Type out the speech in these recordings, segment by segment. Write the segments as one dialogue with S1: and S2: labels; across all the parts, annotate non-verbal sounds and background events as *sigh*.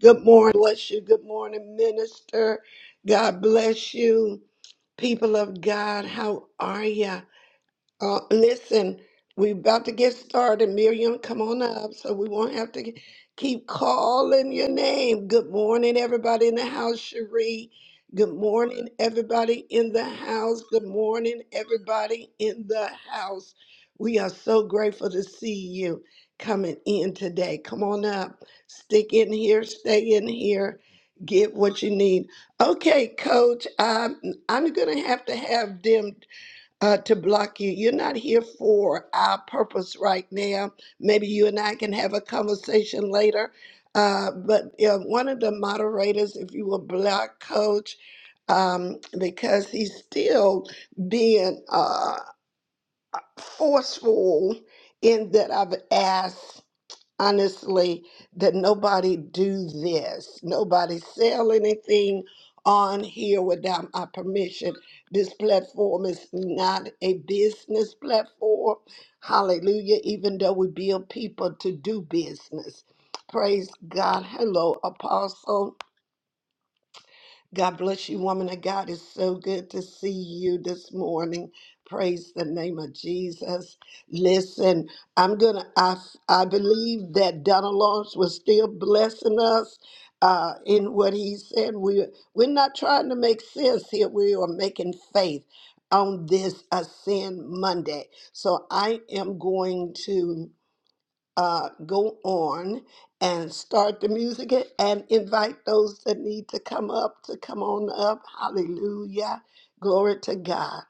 S1: Good morning, bless you. Good morning, minister. God bless you. People of God, how are you? Uh, listen, we're about to get started. Miriam, come on up so we won't have to ke- keep calling your name. Good morning, everybody in the house, Cherie. Good morning, everybody in the house. Good morning, everybody in the house. We are so grateful to see you coming in today. Come on up. Stick in here, stay in here, get what you need. Okay, coach, I'm, I'm going to have to have them uh, to block you. You're not here for our purpose right now. Maybe you and I can have a conversation later. Uh, but uh, one of the moderators, if you will, block coach, um, because he's still being uh, forceful in that I've asked honestly that nobody do this nobody sell anything on here without my permission this platform is not a business platform hallelujah even though we build people to do business praise god hello apostle God bless you, woman of God. It's so good to see you this morning. Praise the name of Jesus. Listen, I'm gonna. I I believe that Donald Lawrence was still blessing us uh, in what he said. We we're not trying to make sense here. We are making faith on this Ascend Monday. So I am going to uh, go on and start the music and invite those that need to come up to come on up. Hallelujah. Glory to God.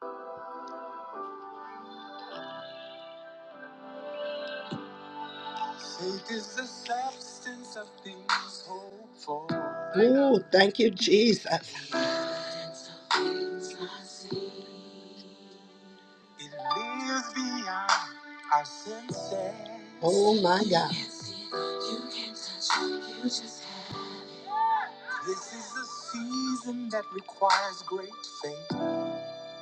S1: Faith is the substance of things hoped for. Ooh, thank you, Jesus. It lives beyond our senses. Oh my God. This is a season that requires great faith.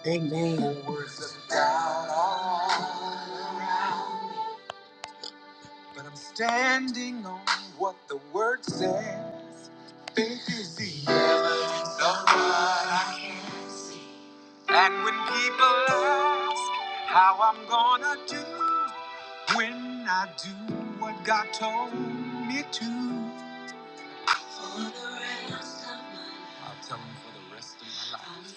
S1: Amen. Words of doubt all around. But I'm standing on what the word says. Faith is the evidence of what I can. And when people ask how I'm gonna do, when I do what God told me to, I'll tell them for the rest of my life.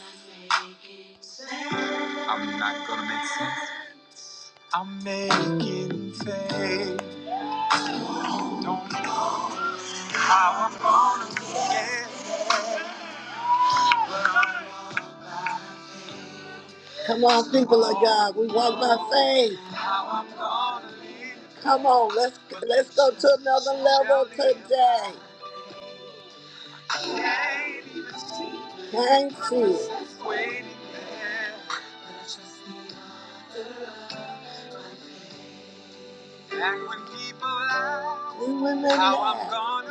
S1: I'm not gonna make sense. I'm making faith. Don't know. Come on, people of God, we walk by faith. Come on, let's let's go to another level today. Thank you. We women now.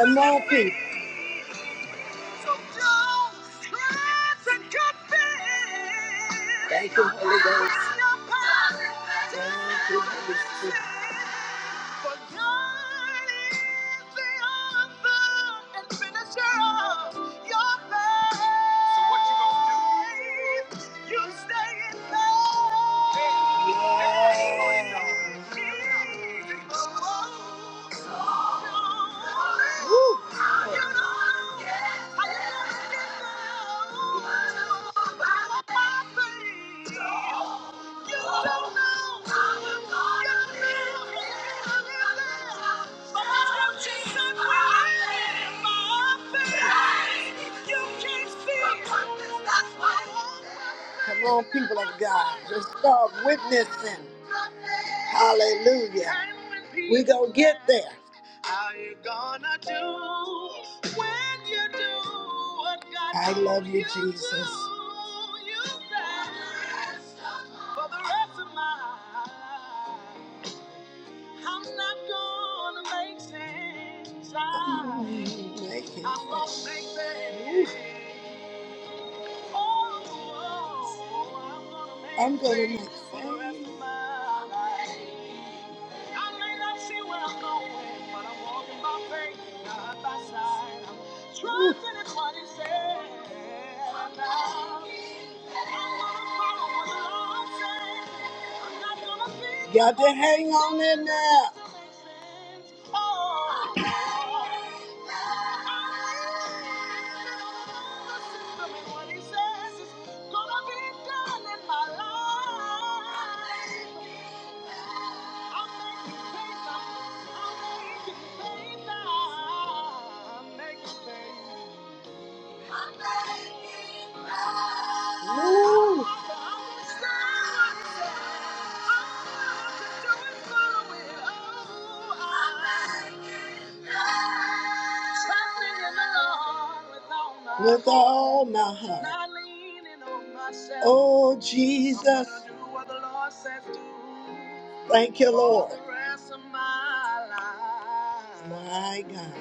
S1: One more piece. So don't let it get there. Thank you, Holy Ghost. Thank you, Holy Spirit. For thine is the author and finisher of your faith. So what you gonna do? You stay in love. Yeah. Woo. Come on, people of God, just start witnessing. Hallelujah. We gonna get there. How you gonna do when you do what God I love you, you Jesus. to? You said, For the rest of my life, I'm not gonna make things right. Thank I'm gonna make things. Oh, oh, oh, I'm gonna make I'm gonna things make for the rest of my life. I may not see where I'm going, but I'm walking by faith, not by sight. I'm trusting in what He said. about. I'm gonna follow what the Lord says. I'm not gonna be- Got to hang on in there. I'm Thank you. Woo! With all my heart. Oh, Jesus. Thank you, Lord. My God.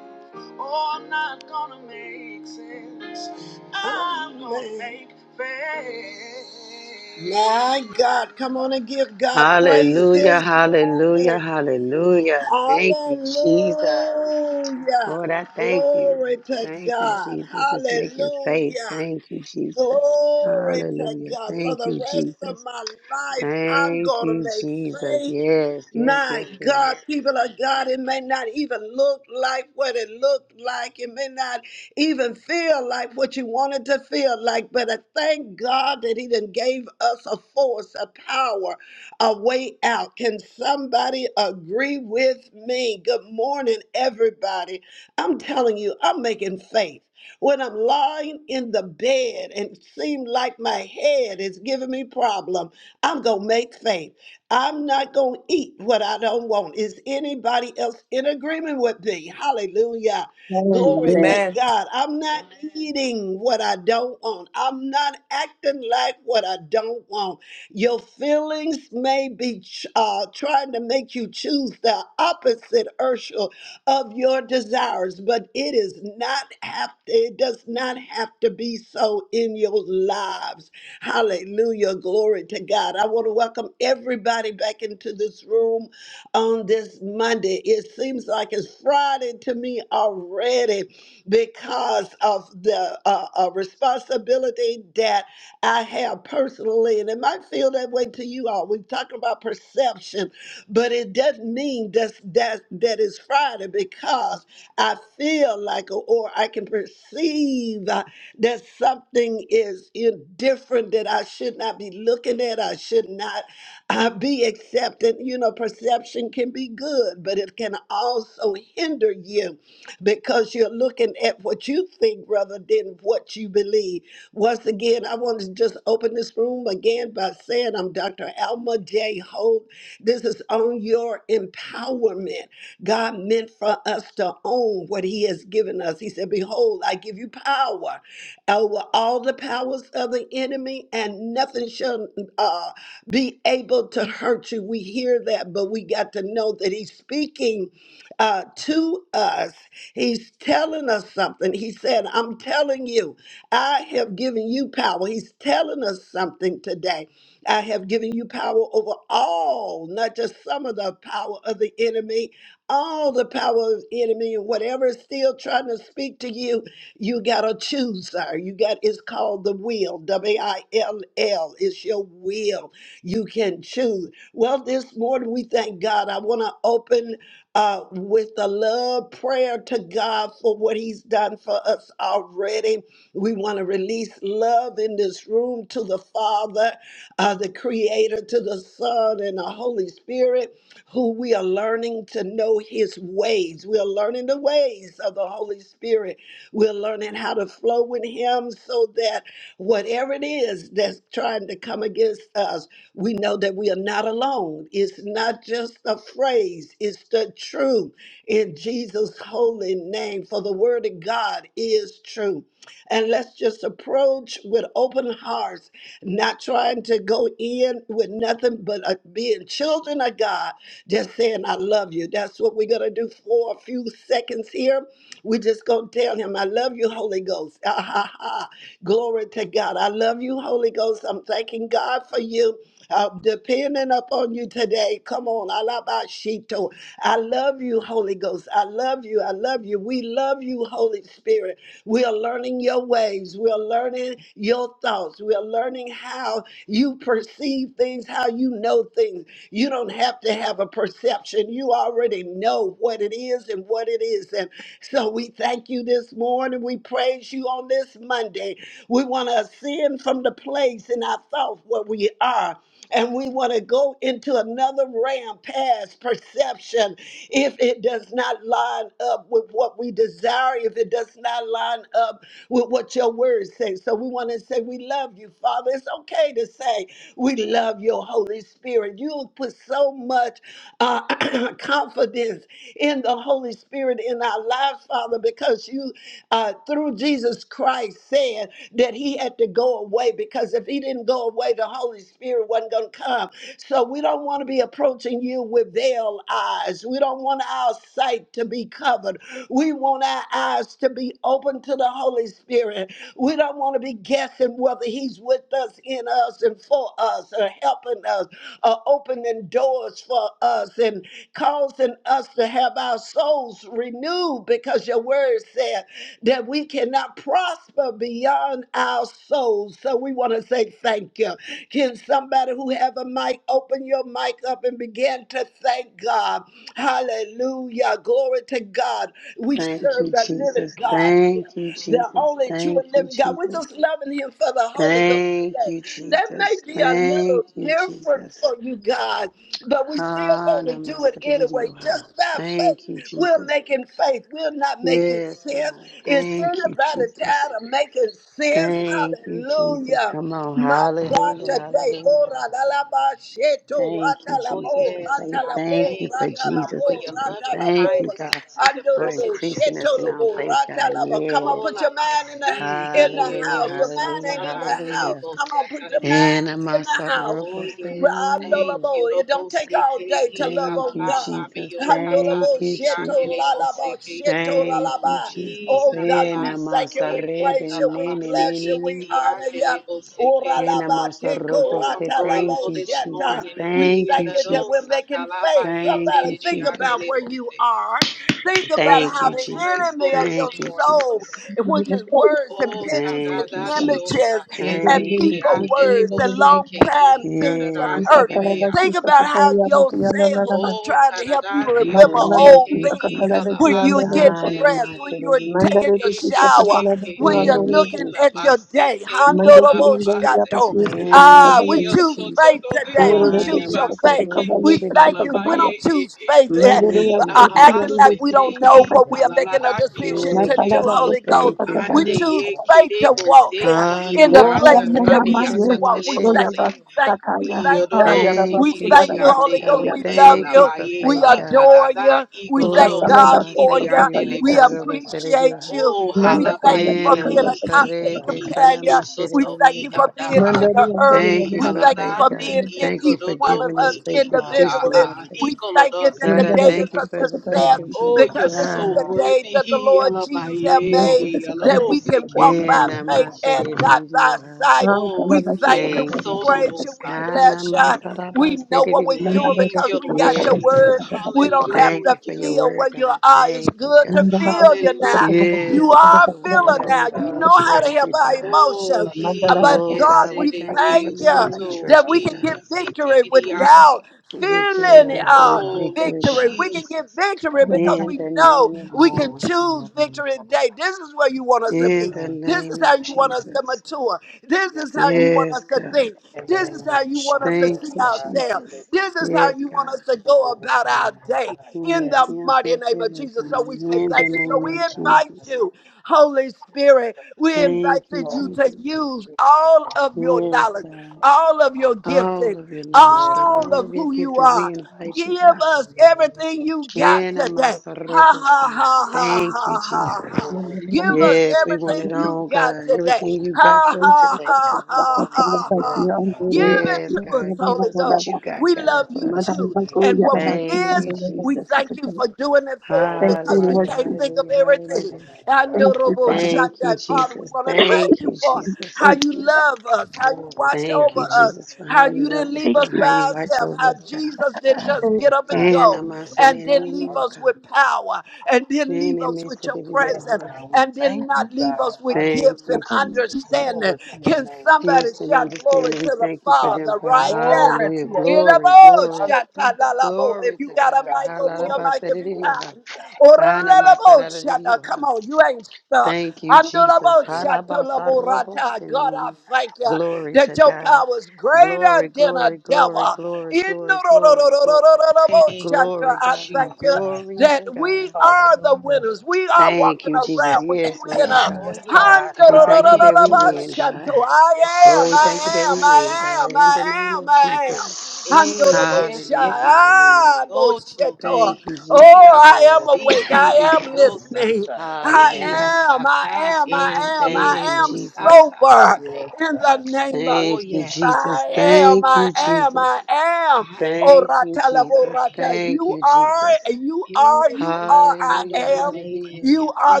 S1: Oh, I'm not gonna make sense. I'm gonna make faith. My God, come on and give God praise this
S2: Hallelujah, hallelujah,
S1: morning.
S2: hallelujah. Thank you, Jesus.
S1: Hallelujah.
S2: Lord, I thank you.
S1: Glory to
S2: Thank you,
S1: God.
S2: Jesus. It's making faith.
S1: Hallelujah.
S2: Thank you, Jesus.
S1: Glory to
S2: Hallelujah.
S1: God. For
S2: Thank
S1: the
S2: you,
S1: rest of
S2: Jesus.
S1: my life, I'm
S2: Thank
S1: going to
S2: you,
S1: make
S2: Jesus.
S1: faith.
S2: Yes, yes,
S1: My
S2: yes,
S1: God,
S2: yes.
S1: people of God, it may not even look like what it looked like. It may not even feel like what you wanted to feel like, but I thank God that He then gave us a force, a power, a way out. Can somebody agree with me? Good morning, everybody. I'm telling you, I'm making faith. When I'm lying in the bed and seem like my head is giving me problem, I'm gonna make faith. I'm not going to eat what I don't want. Is anybody else in agreement with me? Hallelujah. Glory Amen. to
S3: Amen.
S1: God. I'm not Amen. eating what I don't want. I'm not acting like what I don't want. Your feelings may be ch- uh, trying to make you choose the opposite, ursula of your desires, but it is not have it does not have to be so in your lives. Hallelujah. Glory to God. I want to welcome everybody back into this room on this Monday. It seems like it's Friday to me already because of the uh, uh, responsibility that I have personally. And it might feel that way to you all. We're talking about perception, but it doesn't mean that's, that, that it's Friday because I feel like or I can perceive. uh, that something is in- different that I should not be looking at. I should not uh, be accepting. You know, perception can be good, but it can also hinder you because you're looking at what you think rather than what you believe. Once again, I want to just open this room again by saying I'm Dr. Alma J. Hope. This is on your empowerment. God meant for us to own what He has given us. He said, Behold, I give you power over all the powers of the enemy, and nothing shall uh, be able to hurt you. We hear that, but we got to know that He's speaking uh, to us. He's telling us something. He said, I'm telling you, I have given you power. He's telling us something today. I have given you power over all, not just some of the power of the enemy, all the power of the enemy, and whatever is still trying to speak to you. You gotta choose, sir. You got it's called the will. W-I-L-L. It's your will. You can choose. Well, this morning we thank God. I want to open uh, with a love prayer to God for what He's done for us already. We want to release love in this room to the Father, uh, the Creator, to the Son, and the Holy Spirit who we are learning to know his ways. We are learning the ways of the Holy Spirit. We're learning how to flow with him so that whatever it is that's trying to come against us, we know that we are not alone. It's not just a phrase, it's the truth in Jesus' holy name. For the word of God is true. And let's just approach with open hearts, not trying to go in with nothing but uh, being children of God, just saying, I love you. That's what we're going to do for a few seconds here. We're just going to tell him, I love you, Holy Ghost. Ah, ha, ha. Glory to God. I love you, Holy Ghost. I'm thanking God for you. I'm depending upon you today. Come on, Alabashito. I love you, Holy Ghost. I love you. I love you. We love you, Holy Spirit. We are learning your ways. We are learning your thoughts. We are learning how you perceive see things, how you know things. You don't have to have a perception. You already know what it is and what it isn't. So we thank you this morning. We praise you on this Monday. We want to ascend from the place in our thoughts where we are and we want to go into another realm past perception if it does not line up with what we desire, if it does not line up with what your word says, So we want to say, We love you, Father. It's okay to say, We love your Holy Spirit. You have put so much uh, *clears throat* confidence in the Holy Spirit in our lives, Father, because you, uh, through Jesus Christ, said that he had to go away because if he didn't go away, the Holy Spirit wasn't going to come. So we don't want to be approaching you with veiled eyes. We don't want our sight to be covered. We want our eyes to be open to the Holy Spirit. We don't want to be guessing whether He's with us, in us, and for us, or helping us, or opening doors for us, and causing us to have our souls renewed because your word said that we cannot prosper beyond our souls. So we want to say thank you. Can somebody who have a mic open your mic up and begin to thank God? Hallelujah. Glory to God. We
S2: Thank
S1: serve
S2: you,
S1: the living
S2: Jesus.
S1: God here,
S2: Thank you,
S1: the
S2: Jesus.
S1: only true
S2: Thank
S1: and
S2: you,
S1: living God. We're
S2: Jesus.
S1: just loving Him for the Holy Ghost
S2: Thank
S1: today.
S2: you,
S1: That may
S2: Jesus.
S1: be a little
S2: Thank you,
S1: different
S2: Jesus.
S1: for you, God, but we still
S2: Ha,
S1: going to do it
S2: Namaste,
S1: anyway,
S2: Hallelujah.
S1: just by
S2: Thank you,
S1: faith. We're
S2: Jesus.
S1: making faith. We're not making
S2: Yes,
S1: sense.
S2: God.
S1: Is
S2: Thank you,
S1: anybody
S2: Jesus.
S1: tired of making sense?
S2: Thank you, Jesus.
S1: Hallelujah.
S2: Come on.
S1: My God,
S2: Hallelujah.
S4: Hallelujah.
S1: today,
S2: Hallelujah.
S1: ora la la
S2: Hallelujah.
S1: ba sheto
S2: Thank you,
S4: Oh,
S2: Jesus, for
S4: yes,
S2: faith.
S1: Rata la
S4: God,
S2: Thank
S1: bo,
S2: you
S4: thank
S2: for
S4: you,
S1: Rata
S4: God,
S2: Jesus'
S4: for
S1: Ratalabo,
S4: your
S2: faith.
S4: loving
S2: Thank
S1: Ratalabo,
S2: you,
S1: Ratalabo,
S4: kindness
S2: God,
S4: and tender
S2: for
S1: Andorabo,
S4: mercies
S2: increasing
S4: towards
S2: us
S4: us,
S2: in
S4: oh
S2: our
S1: Shetolabo,
S4: God.
S2: faith, God.
S1: Ratalabo. Come on,
S2: Yes.
S4: All
S1: put your
S4: of
S1: mind in
S4: us
S1: the
S4: see
S1: in the
S4: here, the
S2: Hallelujah.
S1: house.
S4: old
S1: Your mind
S2: Hallelujah.
S1: ain't in
S4: Satara
S1: the
S4: and the
S2: Hallelujah.
S1: house.
S4: label
S1: Come on, put your
S4: Satara
S2: And
S1: mind
S2: I'm a
S1: in the house.
S4: Oh,
S2: sorrowful sinner,
S4: yes,
S2: meaning
S4: thank
S2: you.
S4: you,
S1: Andorabo. It
S4: Lobo
S1: don't take all day to
S4: Sekei,
S1: love
S2: Thank
S1: on
S2: you,
S4: Alalamba,
S1: God.
S2: Jesus.
S4: Bio Satara
S2: Thank
S1: Handolabo,
S4: and
S2: you,
S4: the Ande,
S2: Jesus.
S1: shetolalabo,
S4: Sekei,
S2: Thank you,
S1: shetolalaba.
S4: E
S2: Jesus.
S1: Oh God, we
S2: Ena
S4: Alabas,
S1: thank you, we
S4: E
S2: masarebe
S1: praise you, we
S2: nene
S1: bless
S2: mene
S1: you,
S4: Alabasiki,
S1: we
S4: the
S2: nini.
S1: honor
S4: Ande,
S1: you. Ora
S4: Sekei.
S2: Ena
S1: Oralaba, teko,
S2: masarobo
S4: Oh, I'm
S2: se.
S1: rata
S2: Thank
S1: Labo,
S4: grateful
S2: you,
S4: this
S2: Jesus.
S1: sheta.
S4: morning.
S1: We
S2: Thank you,
S1: thank you that
S2: Jesus.
S1: we're making faith.
S2: Thank
S1: Somebody
S2: you,
S1: think
S2: Jesus.
S1: about where you are. Think
S4: I'm
S1: about
S2: Thank
S1: how
S2: you,
S4: so
S1: the
S2: Jesus.
S4: grateful
S1: enemy of
S2: Thank
S1: your
S4: this
S2: you,
S4: morning, Lord.
S2: Jesus.
S1: soul, which is words and
S4: Oh,
S1: pictures and
S2: Thank you, Jesus.
S4: tadadadiosa,
S1: images and
S2: Thank you,
S1: people
S2: Jesus.
S1: words and
S4: yedididiandelebose,
S1: long time
S4: kei,
S1: things and
S2: Yes,
S1: hurt.
S2: God.
S1: Think
S4: yadadandebebeyasata.
S1: about how your sales was
S4: Oh,
S1: trying to help you remember
S4: tadadadiose,
S2: Thank
S1: old
S2: you,
S1: things
S4: kei,
S2: Jesus.
S1: when you were
S4: alabase,
S1: getting
S2: Sana
S4: tei,
S1: dressed, when
S4: e,
S1: you were
S4: e, e, e,
S2: masarebiwa.
S1: taking your
S4: e,
S1: shower,
S4: e, e,
S1: when
S4: e,
S1: you're
S2: Thank
S4: e
S1: looking
S2: you,
S1: at your
S2: Jesus.
S4: labase,
S1: day.
S4: kei,
S1: Handorobo
S4: alabase.
S1: shato.
S2: Thank
S1: Ah, we
S4: He
S2: you,
S1: choose
S4: soto
S1: faith
S2: Jesus.
S4: do do
S1: today.
S4: i
S1: We
S4: i
S2: Hana
S1: choose your
S4: libaste
S1: faith.
S4: ki
S1: We
S4: i
S1: thank
S2: masarobo
S1: you. We
S4: alabaye
S1: don't
S4: e
S1: choose faith,
S4: e
S1: eh,
S5: Mandere
S4: i
S2: Thank
S5: ya
S2: you,
S1: uh,
S5: sosa ya
S1: acting
S2: Jesus.
S5: rile
S4: alabaste
S1: like we
S4: te
S5: sisi
S1: don't
S5: kata
S1: know
S4: i
S1: what
S6: Yes,
S5: baki.
S1: we are
S6: God,
S1: making
S4: alalala
S1: a
S6: thank
S4: nio
S6: you,
S1: decision
S2: Yes,
S1: to
S4: ke
S5: Matala
S1: do,
S5: na
S6: Jesus.
S2: God,
S4: i
S2: we
S1: Holy
S5: kosa
S1: Ghost.
S2: thank
S5: kupa
S2: you,
S1: We
S4: ande
S2: God.
S4: ye
S1: choose
S5: kabaya
S6: Glory
S1: faith
S6: to
S1: to
S6: your
S4: kerebo
S6: name,
S1: walk
S4: se
S6: oh
S1: eh,
S4: i
S6: God.
S2: Ah,
S1: in the
S5: Ora
S6: We give
S4: iliasa
S1: place
S6: you
S5: mama
S1: that
S4: tande
S2: namasorebe
S1: we
S5: mama
S2: se
S1: need to
S4: yasa
S5: yeso
S1: walk. We
S4: telebo
S5: koya
S1: thank
S4: se
S1: you.
S2: namashididi.
S1: We thank you. We
S5: basakaya.
S4: i
S1: thank you.
S5: Ah
S4: ododo
S5: yara
S4: si
S1: We
S2: Thank you,
S5: bakoya
S4: di
S1: thank
S5: yara
S1: you,
S4: ande
S2: Jesus,
S1: Holy
S4: e
S2: God.
S1: Ghost.
S2: We
S5: basakaya
S6: Glory
S1: We
S4: i
S6: to
S1: love
S5: sakaya.
S6: your
S2: thank you
S1: you.
S6: name,
S2: for
S4: labaye
S1: We
S2: faith,
S4: i
S6: God.
S2: God.
S1: adore
S4: kadada
S1: you.
S4: i
S1: We
S6: Hallelujah.
S4: kolodo
S6: Yes,
S1: thank
S2: Oh,
S5: Ikatala
S4: si
S6: God, we
S1: God for
S4: di
S5: bakoso
S1: you.
S5: kota
S4: ande
S2: namasorebe
S4: lebo
S1: We
S5: yekati.
S4: se
S2: taroba
S6: magnify you,
S1: appreciate
S6: God.
S2: serediha.
S6: We
S1: you.
S4: Oh,
S1: We
S5: Manda
S6: glorify
S1: thank
S6: you,
S5: kaya
S1: you
S2: Eh,
S1: for
S4: halabaye,
S6: God.
S1: being
S5: sakaya
S4: he,
S1: a
S4: he,
S5: sakaya
S6: In
S1: constant
S6: the
S2: namasorebe
S6: name
S4: iki,
S2: se
S5: sakaya.
S6: of
S4: di,
S1: companion.
S6: Jesus.
S1: We
S4: usoto,
S1: thank
S2: namashididi.
S4: i,
S1: you for being
S5: Manda
S1: in
S4: adapa,
S6: Honor you
S1: the
S5: ri anda
S1: earth.
S5: ri
S6: today,
S2: Thank
S4: i,
S5: anda
S2: you
S1: We
S2: for
S5: ri
S1: thank you
S2: faith,
S4: halada,
S5: sakaya
S1: for
S2: God.
S4: di,
S1: being
S5: sakaya.
S4: i,
S1: in
S2: Thank you
S1: each
S2: for
S1: one
S4: kododo,
S1: of
S2: giving
S1: us
S2: us
S4: i,
S2: faith,
S4: i, i,
S6: God.
S2: increasing
S4: a,
S1: individually.
S2: our
S4: a,
S6: Hallelujah,
S2: faith.
S4: i,
S1: We
S6: Jesus.
S1: thank you
S4: kolodo,
S1: that the
S2: God,
S5: Yanda
S2: I
S4: siki,
S5: ri
S1: day
S5: anda
S4: i.
S2: thank
S1: is
S2: you
S1: a
S5: ri
S2: for the
S5: sakaya sakaya
S2: faith
S1: success
S2: of
S6: Thank you,
S4: Oh,
S6: Lord
S2: Jesus.
S4: you're
S1: because
S5: sakaya sakaya
S6: God.
S1: this is
S2: Ah,
S4: so
S1: the
S6: Hallelujah.
S1: day
S4: worthy,
S5: sakaya.
S1: that the
S4: he,
S1: Lord Jesus has
S4: halabaye,
S5: Yeso
S1: made
S6: Glory
S4: he,
S6: to your
S5: sakaya
S1: that
S4: alabo,
S1: we
S6: name,
S5: sakaya
S1: can
S6: Jesus.
S4: siki.
S1: walk
S2: eh,
S5: sakaya.
S1: by faith
S6: Hallelujah.
S1: and
S2: namasorebe
S1: not by
S2: seririwa.
S1: sight.
S5: Ah kala
S1: We
S4: Oh,
S5: sakaya
S1: thank
S4: yes,
S1: you.
S5: sakaya
S2: Thank
S1: We
S2: you,
S5: sakaya
S4: solo,
S1: praise
S2: Jesus.
S1: you. We
S5: sakaya
S2: Kana
S1: bless
S4: mosalaye.
S1: you.
S5: sakaya.
S2: masaraba
S1: We know what we're
S2: sedidioha.
S5: Manda
S1: doing
S5: ri
S4: Thank
S1: because
S4: you,
S5: sakaya
S1: we
S4: Lord
S1: got your
S5: sakaya
S2: Yes,
S4: Jesus.
S1: word.
S2: God.
S5: sakaya
S1: We don't
S5: sakaya
S1: have
S2: Thank
S1: to
S2: you
S5: sakaya.
S2: for
S4: Hallelujah.
S2: your
S1: feel where
S2: word,
S1: you
S2: God.
S1: are. It's
S2: Thank you,
S1: good
S5: Thank
S1: to
S2: God.
S5: you,
S1: feel you now.
S4: Hallelujah.
S1: You
S2: Yes,
S1: are
S2: God,
S1: a
S2: but we
S1: feeler
S2: know
S6: Yes,
S1: now.
S2: you,
S1: You
S2: God.
S6: God.
S2: We
S1: know how to
S6: Thank
S2: trust
S1: help
S2: you,
S6: you,
S1: our
S2: God.
S6: Jesus.
S4: Oh,
S1: emotions. Uh,
S6: Hallelujah.
S4: he,
S1: But
S2: Oh,
S4: yes,
S1: God,
S2: God,
S4: it
S2: we
S1: we
S4: it
S2: thank you. We
S6: Glory
S1: thank
S4: is.
S6: to
S2: know
S1: you
S6: your
S2: you. We
S6: name,
S4: Soto,
S1: that
S6: God.
S2: trust
S1: we
S2: you,
S1: can
S4: he,
S2: God.
S1: get
S6: Thank you,
S1: victory
S6: God.
S4: CTDDID.
S1: without
S2: Victory,
S1: feeling
S6: Yes,
S1: uh,
S2: victory,
S6: God.
S4: Oh, Lord
S2: victory,
S1: victory.
S2: God.
S1: We can get
S4: Jesus.
S1: victory
S6: God.
S1: because
S2: In
S1: we
S2: the
S1: know
S2: name of
S1: we can
S6: Glory
S2: Jesus.
S6: to your
S1: choose
S6: name,
S1: victory
S6: God.
S1: today. This is where you want us to
S2: In
S1: be.
S2: the
S6: Thank you,
S1: This is
S2: name of
S1: how you want us
S6: God.
S1: to
S2: Jesus.
S1: mature. This is
S6: Yes,
S1: how you want
S6: God.
S2: Yes,
S1: us to
S2: God.
S1: think.
S6: In the
S1: This is
S6: name of
S1: how you want us to
S2: Thank
S6: Jesus,
S1: see
S2: you,
S6: God.
S1: ourselves.
S6: Hallelujah.
S2: Jesus.
S1: This is how
S2: Yes,
S1: you want
S2: God.
S1: us to go
S6: Glory
S1: about
S6: to your
S1: our
S6: name, God.
S1: day
S2: Oh,
S1: in
S2: yes,
S6: Yes,
S1: the
S6: God.
S2: yes,
S1: mighty
S2: yes,
S1: name
S2: there
S1: of
S2: we go.
S1: Jesus.
S6: This
S1: So we say
S2: In the
S1: thank
S6: is
S1: you.
S6: the
S1: So we
S2: name
S6: way,
S2: of
S6: God.
S1: invite
S6: In the name
S2: Jesus.
S6: of
S1: you,
S6: Jesus.
S1: Holy Spirit, we invite
S2: Thank you,
S1: you
S6: Holy
S1: to
S2: Jesus.
S6: Spirit,
S1: use
S6: you
S1: all
S6: are
S1: of
S6: welcome. In the
S1: your
S6: name
S2: Yes,
S1: knowledge,
S6: of
S2: God.
S6: Jesus.
S1: all of your
S2: All
S1: gifting,
S2: of your knowledge,
S6: Yes,
S2: God,
S1: all
S6: God.
S2: all
S1: of
S2: of your
S1: who you
S2: giftings,
S6: Yes,
S2: we
S1: are.
S6: God.
S2: invite
S1: Give
S2: you, God.
S1: us
S6: In the name
S1: everything
S6: of
S1: you got
S2: In
S6: Jesus.
S1: today. Ha
S2: Amasarabosa.
S1: ha ha
S6: Hallelujah.
S1: ha
S2: Thank you,
S1: ha ha
S6: Lord,
S1: ha.
S2: Jesus.
S6: glory,
S1: Give
S6: glory,
S1: us
S2: Yes, we want
S1: everything
S2: it
S6: glory
S1: you
S2: all,
S6: to your
S1: got
S2: God.
S6: name,
S1: today.
S2: Everything you
S6: Jesus.
S2: got
S1: Ha
S2: for us
S1: ha
S2: today,
S1: ha
S6: Hallelujah.
S2: God, we
S1: ha
S2: want it.
S1: ha
S6: Yes,
S1: ha.
S6: God.
S1: Give
S6: Hallelujah.
S1: it
S2: Yes,
S1: to us,
S2: God, give
S1: Holy
S2: us
S1: Ghost.
S2: what you got,
S1: We
S2: God,
S6: Yes,
S1: love you
S2: for us.
S6: God. In
S1: too.
S6: the name
S1: And
S6: of
S1: what we
S2: Thank
S6: Jesus,
S1: miss
S2: you,
S6: God.
S1: we
S2: Jesus.
S6: We
S1: thank you for doing it for us because
S6: Glorify
S1: we
S5: Lord.
S2: Hallelujah,
S6: you
S1: can't
S6: and
S1: think of
S2: hallelujah,
S6: magnify
S1: everything.
S2: hallelujah.
S6: your name, God.
S5: Thank you,
S1: Andorobo
S6: Hallelujah.
S5: Father.
S2: Thank you,
S1: Shandai. Father, we
S2: Jesus.
S6: Thank
S1: want to
S6: you,
S1: thank
S2: Thank
S6: Jesus.
S1: you
S2: you,
S1: for
S2: Jesus.
S1: how
S5: Thank
S1: you
S5: you, Father.
S1: love us, how you
S6: Glory
S1: watch
S6: to your
S2: Thank
S1: over
S2: you,
S6: name,
S1: us,
S2: Jesus,
S6: God.
S2: for how
S1: how
S2: you
S1: you
S2: love
S1: didn't
S6: Hallelujah.
S2: us,
S1: leave
S5: Thank
S1: us
S6: Thank
S2: God,
S5: you.
S1: by
S2: how
S6: you,
S2: you
S6: Jesus.
S2: watch
S1: ourselves,
S2: over
S1: how
S2: us, God.
S1: Jesus didn't
S6: *clears throat*
S1: just get
S6: yes,
S1: up and
S6: God.
S2: And
S1: go
S6: Thank
S2: I'm
S6: you,
S2: also in
S6: Lord
S2: it
S1: and
S6: God.
S1: then
S2: in
S1: leave
S2: you,
S1: us
S2: God.
S1: with
S6: Hallelujah.
S1: power and then
S2: And
S1: leave
S2: it
S1: us
S2: makes
S1: with
S2: it
S1: your
S2: in
S6: Yes,
S2: you,
S1: presence
S2: huh?
S6: God. We
S1: and
S6: thank
S1: then not
S6: you,
S1: leave
S6: God.
S1: us with
S2: Thank
S1: gifts and
S2: you,
S6: Hallelujah.
S5: Thank
S2: Jesus.
S1: understanding.
S6: Glory to your
S1: Can
S6: name.
S1: somebody
S2: Gifts and
S1: shout
S6: Hallelujah.
S1: glory
S2: understanding,
S1: to
S2: we
S1: the
S2: thank you for
S6: Hallelujah.
S2: them,
S1: Father
S2: God.
S1: right now?
S6: Glory to
S2: Hallelujah.
S6: your name,
S2: Glory,
S1: Ilabo,
S6: God.
S2: glory,
S6: Hallelujah.
S1: shatalalabo. If
S2: glory
S1: you
S2: to
S6: Yes,
S1: got a
S2: God.
S6: God.
S1: mic, open your
S6: Glory
S1: mic if
S6: to
S1: you
S6: your name,
S1: can.
S6: God.
S1: Orelelabo, shata. Come
S2: Hallelujah.
S1: on, you ain't stuck.
S2: Thank you, Jesus.
S1: Andolabo,
S6: Yes, God.
S1: shatalabo, rata. God, I
S2: Harabasarobosinini.
S1: thank you
S2: Glory
S1: that
S2: to
S1: your
S2: God.
S1: power is
S2: Glory,
S1: greater than a
S2: glory, glory,
S1: devil.
S2: glory,
S1: Inorororororororabo,
S2: glory, glory, glory.
S4: Thank you,
S1: shata.
S2: Glory,
S1: I
S2: God.
S6: Yes,
S1: thank you
S6: God.
S4: Jesus.
S2: Glory
S6: Yes,
S2: to
S1: that we
S2: God.
S6: God.
S1: are the
S6: Hallelujah. *clears throat*
S1: winners. We are
S2: Thank
S1: walking
S2: you, Jesus.
S1: around with you
S2: Yes, we
S1: in
S2: are
S1: us.
S4: Oh,
S6: Yes,
S2: God.
S4: yes,
S6: God.
S2: We
S4: God.
S2: thank you
S4: Thank
S2: that we
S4: you,
S1: Handorororororabo,
S6: Hallelujah.
S4: Lord
S2: win, God.
S4: Jesus.
S1: shato.
S6: Yes,
S1: I
S6: God.
S1: am,
S2: Oh, we thank you
S4: We
S2: that
S1: I am,
S2: we win,
S4: are not
S1: I
S2: God.
S1: am,
S2: In the
S4: stuck.
S1: I
S2: name
S1: am,
S2: of
S1: I am.
S2: Jesus.
S4: eh yes,
S1: Andorobosha,
S2: Hallelujah.
S4: yes, yes.
S2: Hallelujah.
S1: ah,
S4: Soto,
S1: bosheto.
S2: Thank you,
S4: he,
S2: Jesus.
S1: Oh,
S4: ila
S1: I
S6: Yes,
S1: am
S6: God. Yes,
S4: basi,
S6: God.
S1: awake. I am
S6: Yes,
S4: idiosa.
S1: listening.
S6: God.
S1: I
S4: He,
S2: Hallelujah.
S6: Hallelujah.
S1: am, I
S4: hasata,
S1: am,
S6: Thank
S4: e,
S6: you.
S1: I am,
S2: Thank
S1: I
S2: you,
S1: am
S4: elebo,
S2: Jesus.
S1: sober
S6: Yes,
S4: satarande.
S1: in the
S6: God.
S1: name of
S6: Hallelujah.
S4: Oh,
S2: Thank
S1: Jesus.
S2: you,
S4: yes,
S2: Jesus.
S1: I am,
S2: Thank
S1: I
S2: you,
S1: am,
S2: Jesus.
S1: I am.
S4: I am.
S1: Oh,
S2: Thank
S4: I
S2: you,
S1: ratala,
S4: am.
S2: Jesus. Thank
S1: You
S2: you,
S1: are,
S2: Jesus.
S1: you are, you
S4: Beautifully and
S1: are, I
S2: Hallelujah.
S4: wonderfully
S1: am.
S4: made in
S2: Hallelujah.
S1: You
S4: Him.
S1: are